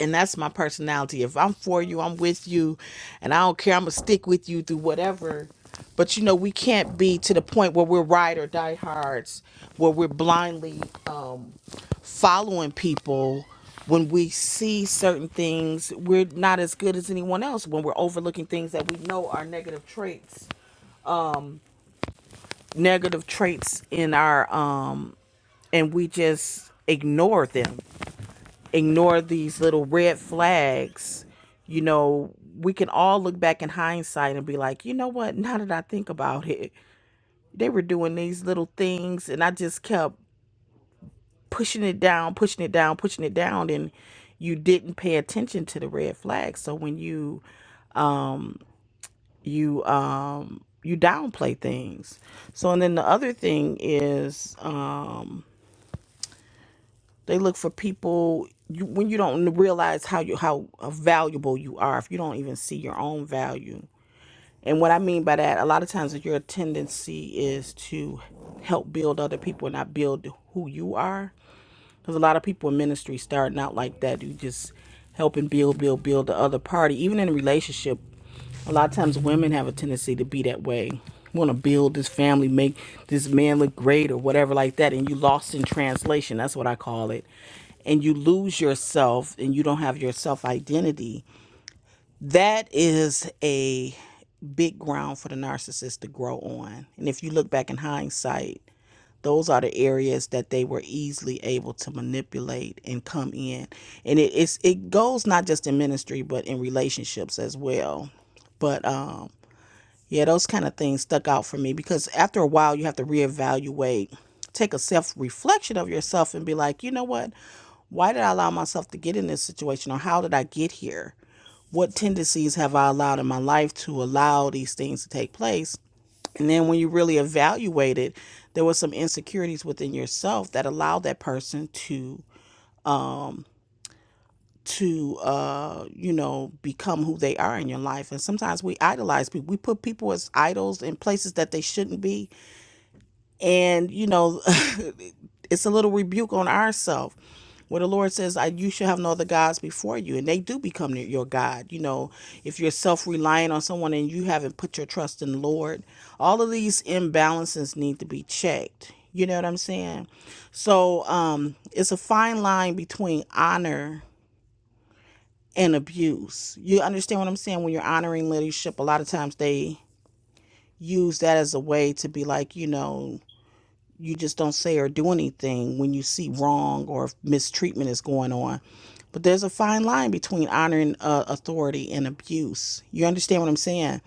[SPEAKER 7] and that's my personality. If I'm for you, I'm with you, and I don't care. I'm gonna stick with you through whatever. But you know, we can't be to the point where we're ride or die hards, where we're blindly um, following people. When we see certain things, we're not as good as anyone else. When we're overlooking things that we know are negative traits, negative traits in our um, and we just ignore them ignore these little red flags, you know, we can all look back in hindsight and be like, you know what? Now that I think about it, they were doing these little things, and I just kept pushing it down, pushing it down, pushing it down, and you didn't pay attention to the red flags. So when you you um you downplay things. So and then the other thing is um. They look for people you, when you don't realize how you how valuable you are. If you don't even see your own value, and what I mean by that, a lot of times your tendency is to help build other people and not build who you are. Because a lot of people in ministry starting out like that, you just helping build, build, build the other party. Even in a relationship, a lot of times women have a tendency to be that way. Want to build this family, make this man look great or whatever like that, and you lost in translation. That's what I call it. And you lose yourself, and you don't have your self identity that is a big ground for the narcissist to grow on. And if you look back in hindsight, those are the areas that they were easily able to manipulate and come in and it, it's it goes not just in ministry but in relationships as well but um, yeah, those kind of things stuck out for me because after a while, you have to reevaluate, take a self reflection of yourself, and be like, you know what? Why did I allow myself to get in this situation, or how did I get here? What tendencies have I allowed in my life to allow these things to take place? And then when you really evaluate it, there were some insecurities within yourself that allowed that person to to uh you know become who they are in your life and sometimes we idolize people we put people as idols in places that they shouldn't be and you know (laughs) it's a little rebuke on ourselves where the lord says I, you should have no other gods before you and they do become your your god you know if you're self-reliant on someone and you haven't put your trust in the lord all of these imbalances need to be checked you know what i'm saying so um it's a fine line between honor and abuse you understand what i'm saying when you're honoring leadership a lot of times they use that as a way to be like you know you just don't say or do anything when you see wrong or mistreatment is going on. But there's a fine line between honoring uh, authority and abuse. You understand what I'm saying?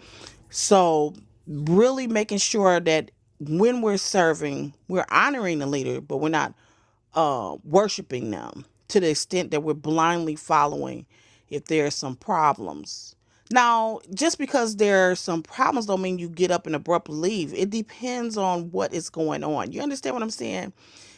[SPEAKER 7] So, really making sure that when we're serving, we're honoring the leader, but we're not uh, worshiping them to the extent that we're blindly following if there are some problems. Now, just because there are some problems don't mean you get up and abruptly leave. It depends on what is going on. You understand what I'm saying?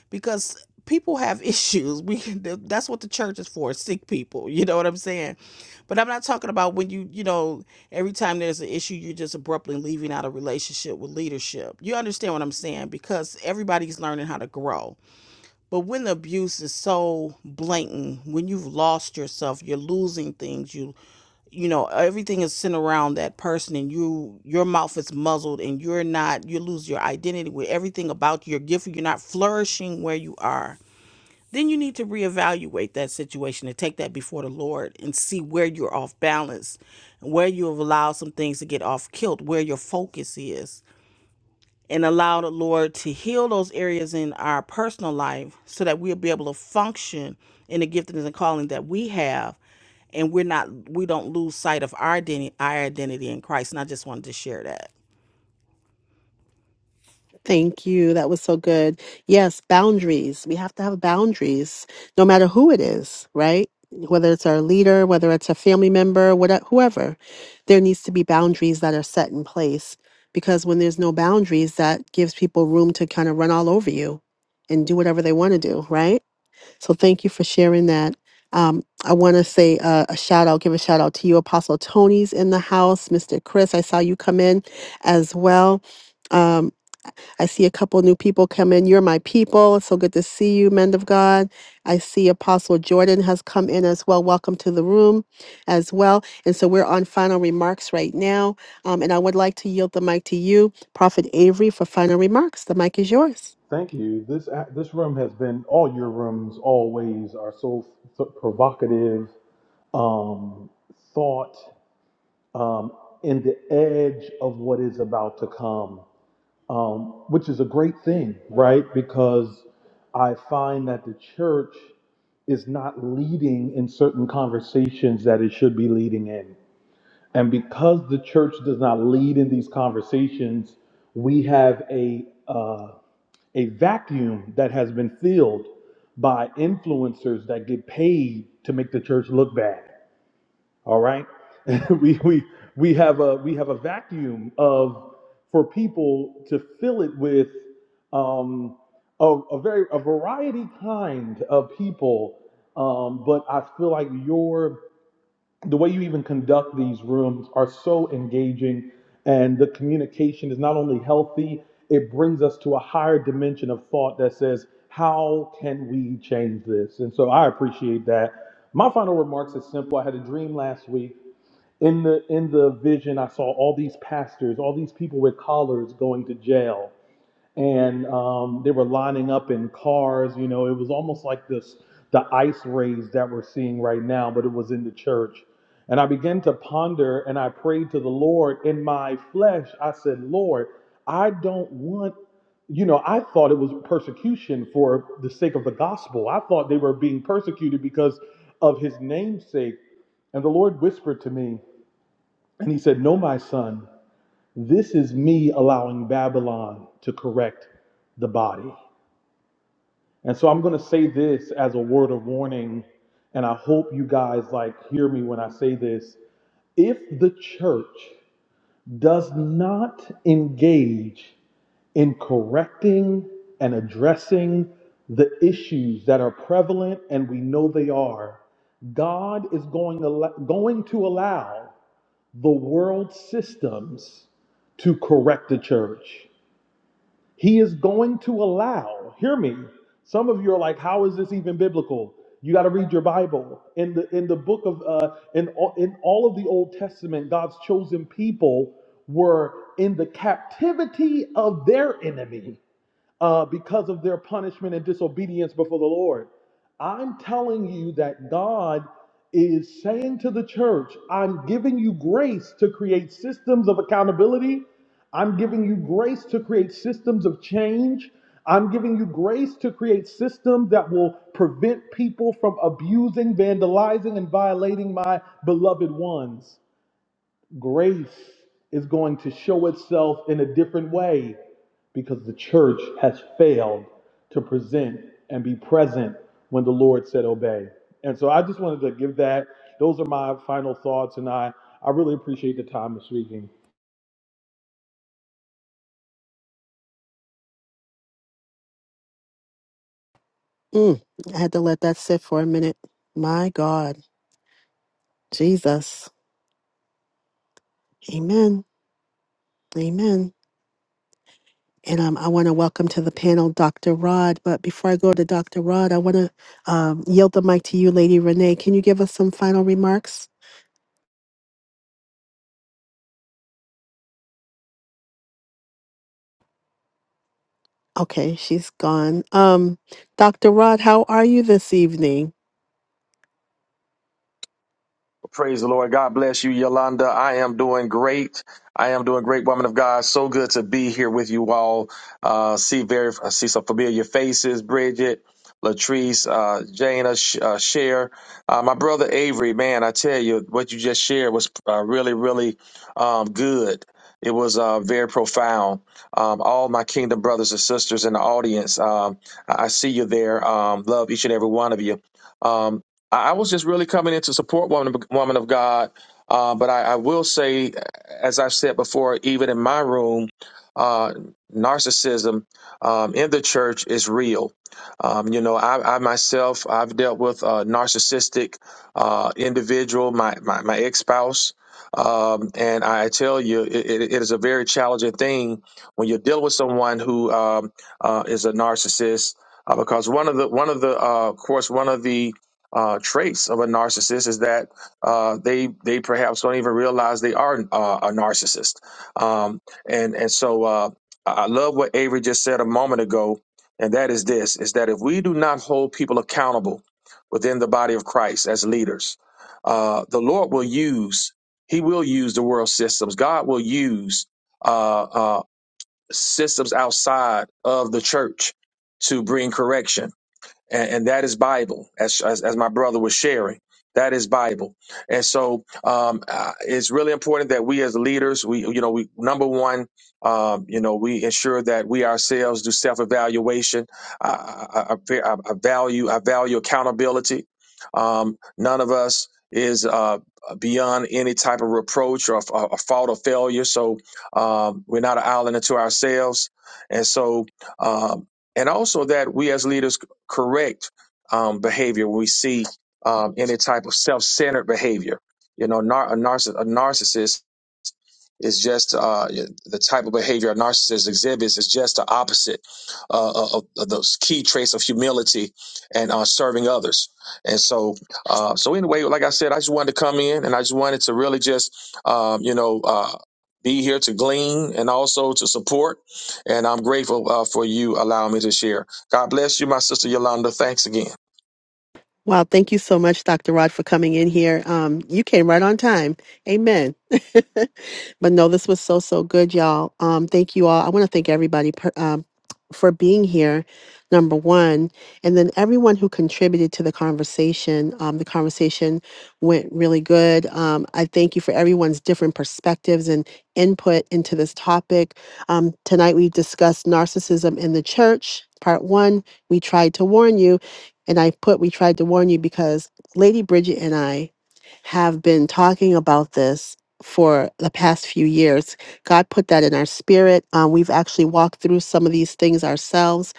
[SPEAKER 7] Because people have (laughs) issues. We th- that's what the church is for, sick people. You know what I'm saying? But I'm not talking about when you, you know, every time there's an issue you're just abruptly leaving out a relationship with leadership. You understand what I'm saying? Because everybody's learning how to grow but when the abuse is so blatant, when you've lost yourself, you're losing things, you you know, everything is sent around that person and you your mouth is muzzled and you're not you lose your identity with everything about your gift, you're not flourishing where you are. Then you need to reevaluate that situation and take that before the Lord and see where you're off balance, where you have allowed some things to get off kilt, where your focus is and allow the Lord to heal those areas in our personal life so that we'll be able to function in the giftings and calling that we have and we're not we don't lose sight of our identity our identity in Christ and I just wanted to share that.
[SPEAKER 1] Thank you. That was so good. Yes, boundaries. We have to have boundaries, no matter who it is, right? Whether it's our leader, whether it's a family member, whatever, whoever, there needs to be boundaries that are set in place because when there's no boundaries, that gives people room to kind of run all over you and do whatever they want to do, right? So thank you for sharing that. Um, I want to say uh, a shout out, give a shout out to you, Apostle Tony's in the house, Mr. Chris. I saw you come in as well. Um, I see a couple new people come in. You're my people. It's so good to see you, men of God. I see Apostle Jordan has come in as well. Welcome to the room as well. And so we're on final remarks right now. Um, and I would like to yield the mic to you, Prophet Avery, for final remarks. The mic is yours.
[SPEAKER 8] Thank you. This a- this room has been all your rooms always are so, so provocative, um, thought um, in the edge of what is about to come, um, which is a great thing, right? Because I find that the church is not leading in certain conversations that it should be leading in and because the church does not lead in these conversations, we have a uh, a vacuum that has been filled by influencers that get paid to make the church look bad. All right, (laughs) we we we have a we have a vacuum of for people to fill it with um, a, a very a variety kind of people. Um, but I feel like your the way you even conduct these rooms are so engaging and the communication is not only healthy it brings us to a higher dimension of thought that says how can we change this and so i appreciate that my final remarks is simple i had a dream last week in the in the vision i saw all these pastors all these people with collars going to jail and um, they were lining up in cars. You know, it was almost like this the ice raids that we're seeing right now, but it was in the church. And I began to ponder and I prayed to the Lord in my flesh. I said, Lord, I don't want, you know, I thought it was persecution for the sake of the gospel. I thought they were being persecuted because of his namesake. And the Lord whispered to me, and he said, No, my son. This is me allowing Babylon to correct the body. And so I'm going to say this as a word of warning and I hope you guys like hear me when I say this. If the church does not engage in correcting and addressing the issues that are prevalent and we know they are, God is going to allow, going to allow the world systems to correct the church. He is going to allow, hear me. Some of you are like, how is this even biblical? You got to read your Bible. In the in the book of uh in all, in all of the Old Testament, God's chosen people were in the captivity of their enemy uh, because of their punishment and disobedience before the Lord. I'm telling you that God is saying to the church, I'm giving you grace to create systems of accountability. I'm giving you grace to create systems of change. I'm giving you grace to create systems that will prevent people from abusing, vandalizing, and violating my beloved ones. Grace is going to show itself in a different way because the church has failed to present and be present when the Lord said obey. And so I just wanted to give that. Those are my final thoughts, and I, I really appreciate the time of speaking.
[SPEAKER 1] Mm, I had to let that sit for a minute. My God. Jesus. Amen. Amen. And um, I want to welcome to the panel Dr. Rod. But before I go to Dr. Rod, I want to um, yield the mic to you, Lady Renee. Can you give us some final remarks? Okay, she's gone. Um, Dr. Rod, how are you this evening?
[SPEAKER 10] Praise the Lord. God bless you, Yolanda. I am doing great. I am doing great, woman of God. So good to be here with you all. Uh, see very, I see some familiar faces. Bridget, Latrice, uh, Jana, Sh- uh, Cher, uh, my brother Avery. Man, I tell you, what you just shared was uh, really, really um, good. It was uh, very profound. Um, all my kingdom brothers and sisters in the audience, um, I I see you there. Um, love each and every one of you. Um, I I was just really coming in to support woman woman of God, uh, but I, I will say, as I've said before, even in my room, uh, narcissism um, in the church is real. Um, you know, I, I myself I've dealt with a narcissistic uh, individual, my my, my ex spouse. Um, and I tell you, it, it it is a very challenging thing when you're dealing with someone who um, uh, is a narcissist, uh, because one of the one of the uh, of course one of the uh, traits of a narcissist is that uh, they they perhaps don't even realize they are uh, a narcissist. Um, and and so uh, I I love what Avery just said a moment ago, and that is this: is that if we do not hold people accountable within the body of Christ as leaders, uh, the Lord will use He will use the world systems. God will use uh, uh, systems outside of the church to bring correction and, and that is Bible, as, as as my brother was sharing. That is Bible, and so um, uh, it's really important that we as leaders, we you know, we number one, um, you know, we ensure that we ourselves do self evaluation. I, I, I, I I value I value accountability. Um, none of us is uh, beyond any type of reproach or, or, or fault or failure. So um, we're not an island unto ourselves, and so um, and also that we as leaders correct um, behavior when we see um, any type of self-centered behavior. You know, nar- a, narciss- a narcissist is just uh, the type of behavior a narcissist exhibits is just the opposite uh, uh, of, of those key traits of humility and uh, serving others. And so, uh, so anyway, like I said, I just wanted to come in and I just wanted to really just, um, you know, uh, be here to glean and also to support. And I'm grateful uh, for you allowing me to share. God bless you, my sister Yolanda. Thanks again.
[SPEAKER 1] Wow, thank you so much, Dr. Rod, for coming in here. Um, you came right on time. Amen. (laughs) but no, this was so, so good, y'all. Um, thank you all. I want to thank everybody per, um, for being here, number one. And then everyone who contributed to the conversation. Um, the conversation went really good. Um, I thank you for everyone's different perspectives and input into this topic. Um, tonight, we discussed narcissism in the church, part one. We tried to warn you. And I put, we tried to warn you because Lady Bridget and I have been talking about this for the past few years. God put that in our spirit. Um, we've actually walked through some of these things ourselves,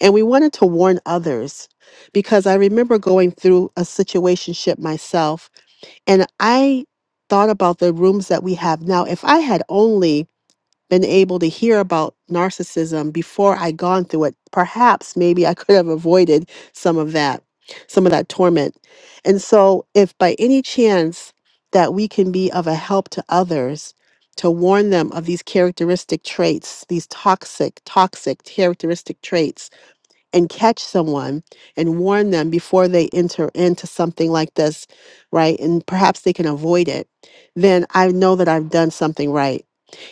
[SPEAKER 1] and we wanted to warn others because I remember going through a situationship myself, and I thought about the rooms that we have now. If I had only been able to hear about narcissism before I gone through it, perhaps maybe I could have avoided some of that, some of that torment. And so if by any chance that we can be of a help to others to warn them of these characteristic traits, these toxic, toxic characteristic traits, and catch someone and warn them before they enter into something like this, right? And perhaps they can avoid it, then I know that I've done something right.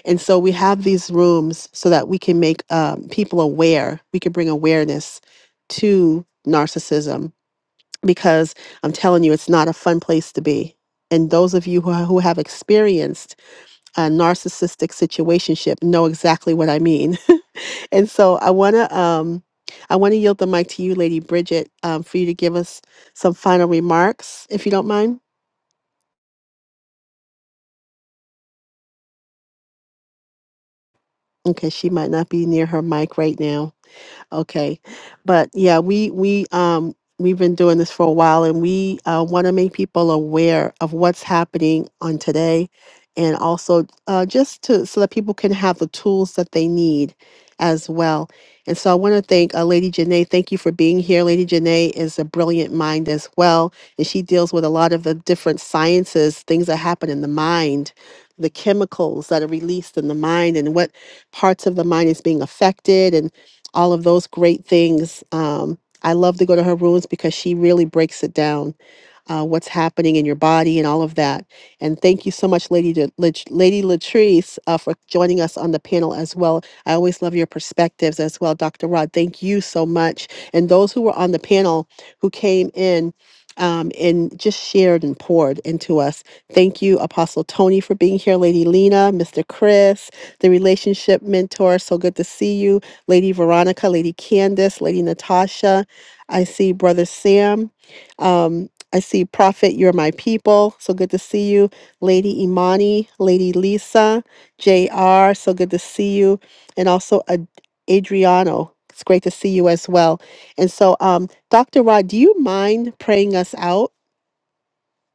[SPEAKER 1] And so we have these rooms so that we can make um, people aware, we can bring awareness to narcissism because I'm telling you, it's not a fun place to be. And those of you who, who have experienced a narcissistic situationship know exactly what I mean. (laughs) And so I want to um I want to yield the mic to you, Lady Bridget, um, for you to give us some final remarks, if you don't mind. Okay, she might not be near her mic right now. Okay. But yeah, we we um we've been doing this for a while and we uh, want to make people aware of what's happening on today and also uh, just to so that people can have the tools that they need as well. And so I want to thank uh, Lady Janae. Thank you for being here. Lady Janae is a brilliant mind as well. And she deals with a lot of the different sciences, things that happen in the mind, the chemicals that are released in the mind and what parts of the mind is being affected all of those great things. Um, I love to go to her rooms because she really breaks it down uh, what's happening in your body and all of that. And thank you so much, Lady De- Lat- Lady Latrice, uh, for joining us on the panel as well. I always love your perspectives as well, Dr. Rod. Thank you so much. And those who were on the panel who came in. Um, and just shared and poured into us. Thank you, Apostle Tony, for being here, Lady Lena, Mr. Chris, the relationship mentor. So good to see you, Lady Veronica, Lady Candace, Lady Natasha. I see Brother Sam. Um, I see Prophet, you're my people. So good to see you. Lady Imani, Lady Lisa, J.R. so good to see you. And also Ad- Adriano, it's great to see you as well. And so, um, Dr. Rod, do you mind praying us out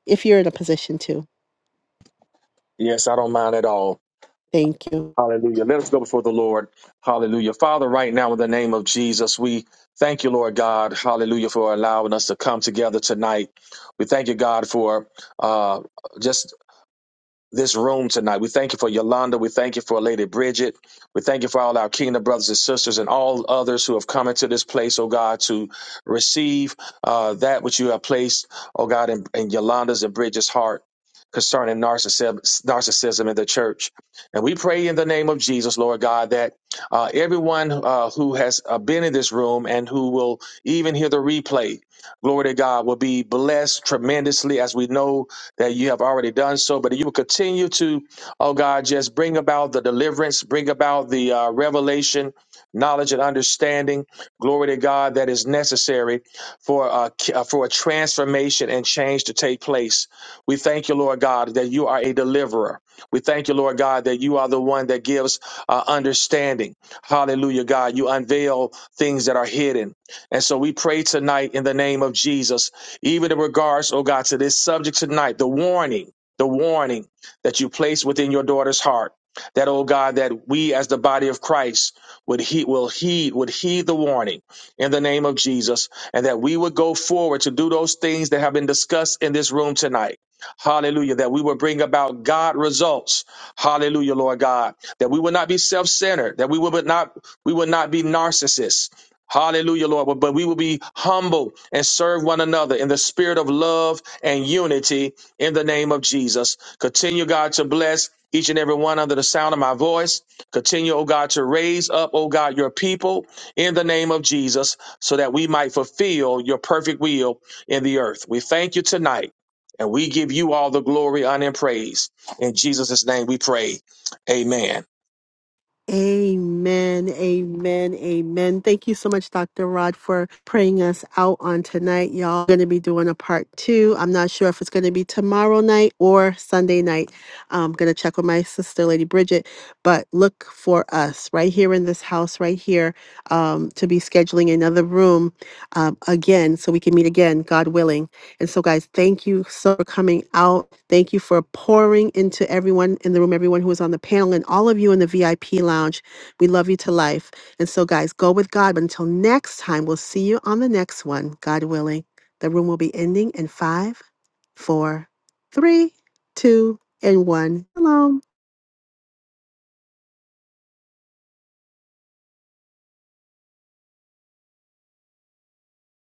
[SPEAKER 1] if you're in a position to?
[SPEAKER 10] Yes, I don't mind at all.
[SPEAKER 1] Thank you.
[SPEAKER 10] Hallelujah. Let us go before the Lord. Hallelujah. Father, right now, in the name of Jesus, we thank you, Lord God. Hallelujah, for allowing us to come together tonight. We thank you, God, for uh, just this room tonight. We thank you for Yolanda. We thank you for Lady Bridget. We thank you for all our kingdom brothers and sisters and all others who have come into this place, oh God, to receive uh, that which you have placed, oh God, in, in Yolanda's and Bridget's heart concerning narcissism, narcissism in the church. And we pray in the name of Jesus, Lord God, that uh, everyone uh, who has uh, been in this room and who will even hear the replay, glory to God, will be blessed tremendously as we know that you have already done so, but you will continue to, oh God, just bring about the deliverance, bring about the uh, revelation, knowledge, and understanding. Glory to God that is necessary for uh, ki- uh, for a transformation and change to take place. We thank you, Lord God, that you are a deliverer. We thank you, Lord God, that you are the one that gives uh, understanding. Hallelujah, God. You unveil things that are hidden. And so we pray tonight in the name of Jesus even in regards, oh God, to this subject tonight, the warning, the warning that you place within your daughter's heart. That, oh God, that we as the body of Christ would heed, will heed, would heed the warning in the name of Jesus, and that we would go forward to do those things that have been discussed in this room tonight. Hallelujah. That we would bring about God results. Hallelujah, Lord God. That we would not be self-centered. That we would not, we would not be narcissists. Hallelujah, Lord. But, but we will be humble and serve one another in the spirit of love and unity in the name of Jesus. Continue, God, to bless each and every one under the sound of my voice. Continue, oh God, to raise up, oh God, your people in the name of Jesus so that we might fulfill your perfect will in the earth. We thank you tonight and we give you all the glory, honor, and praise. In Jesus' name we pray. Amen.
[SPEAKER 1] Amen, amen, amen. Thank you so much, Dr. Rod, for praying us out on tonight. Y'all going to be doing a part two. I'm not sure if it's going to be tomorrow night or Sunday night. I'm going to check with my sister, Lady Bridget, but look for us right here in this house, right here, um, to be scheduling another room um, again so we can meet again, God willing. And so, guys, thank you so for coming out. Thank you for pouring into everyone in the room, everyone who is on the panel, and all of you in the VIP lounge. We love you to life. And so, guys, go with God. But until next time, we'll see you on the next one, God willing. The room will be ending in five, four, three, two, and one. Shalom.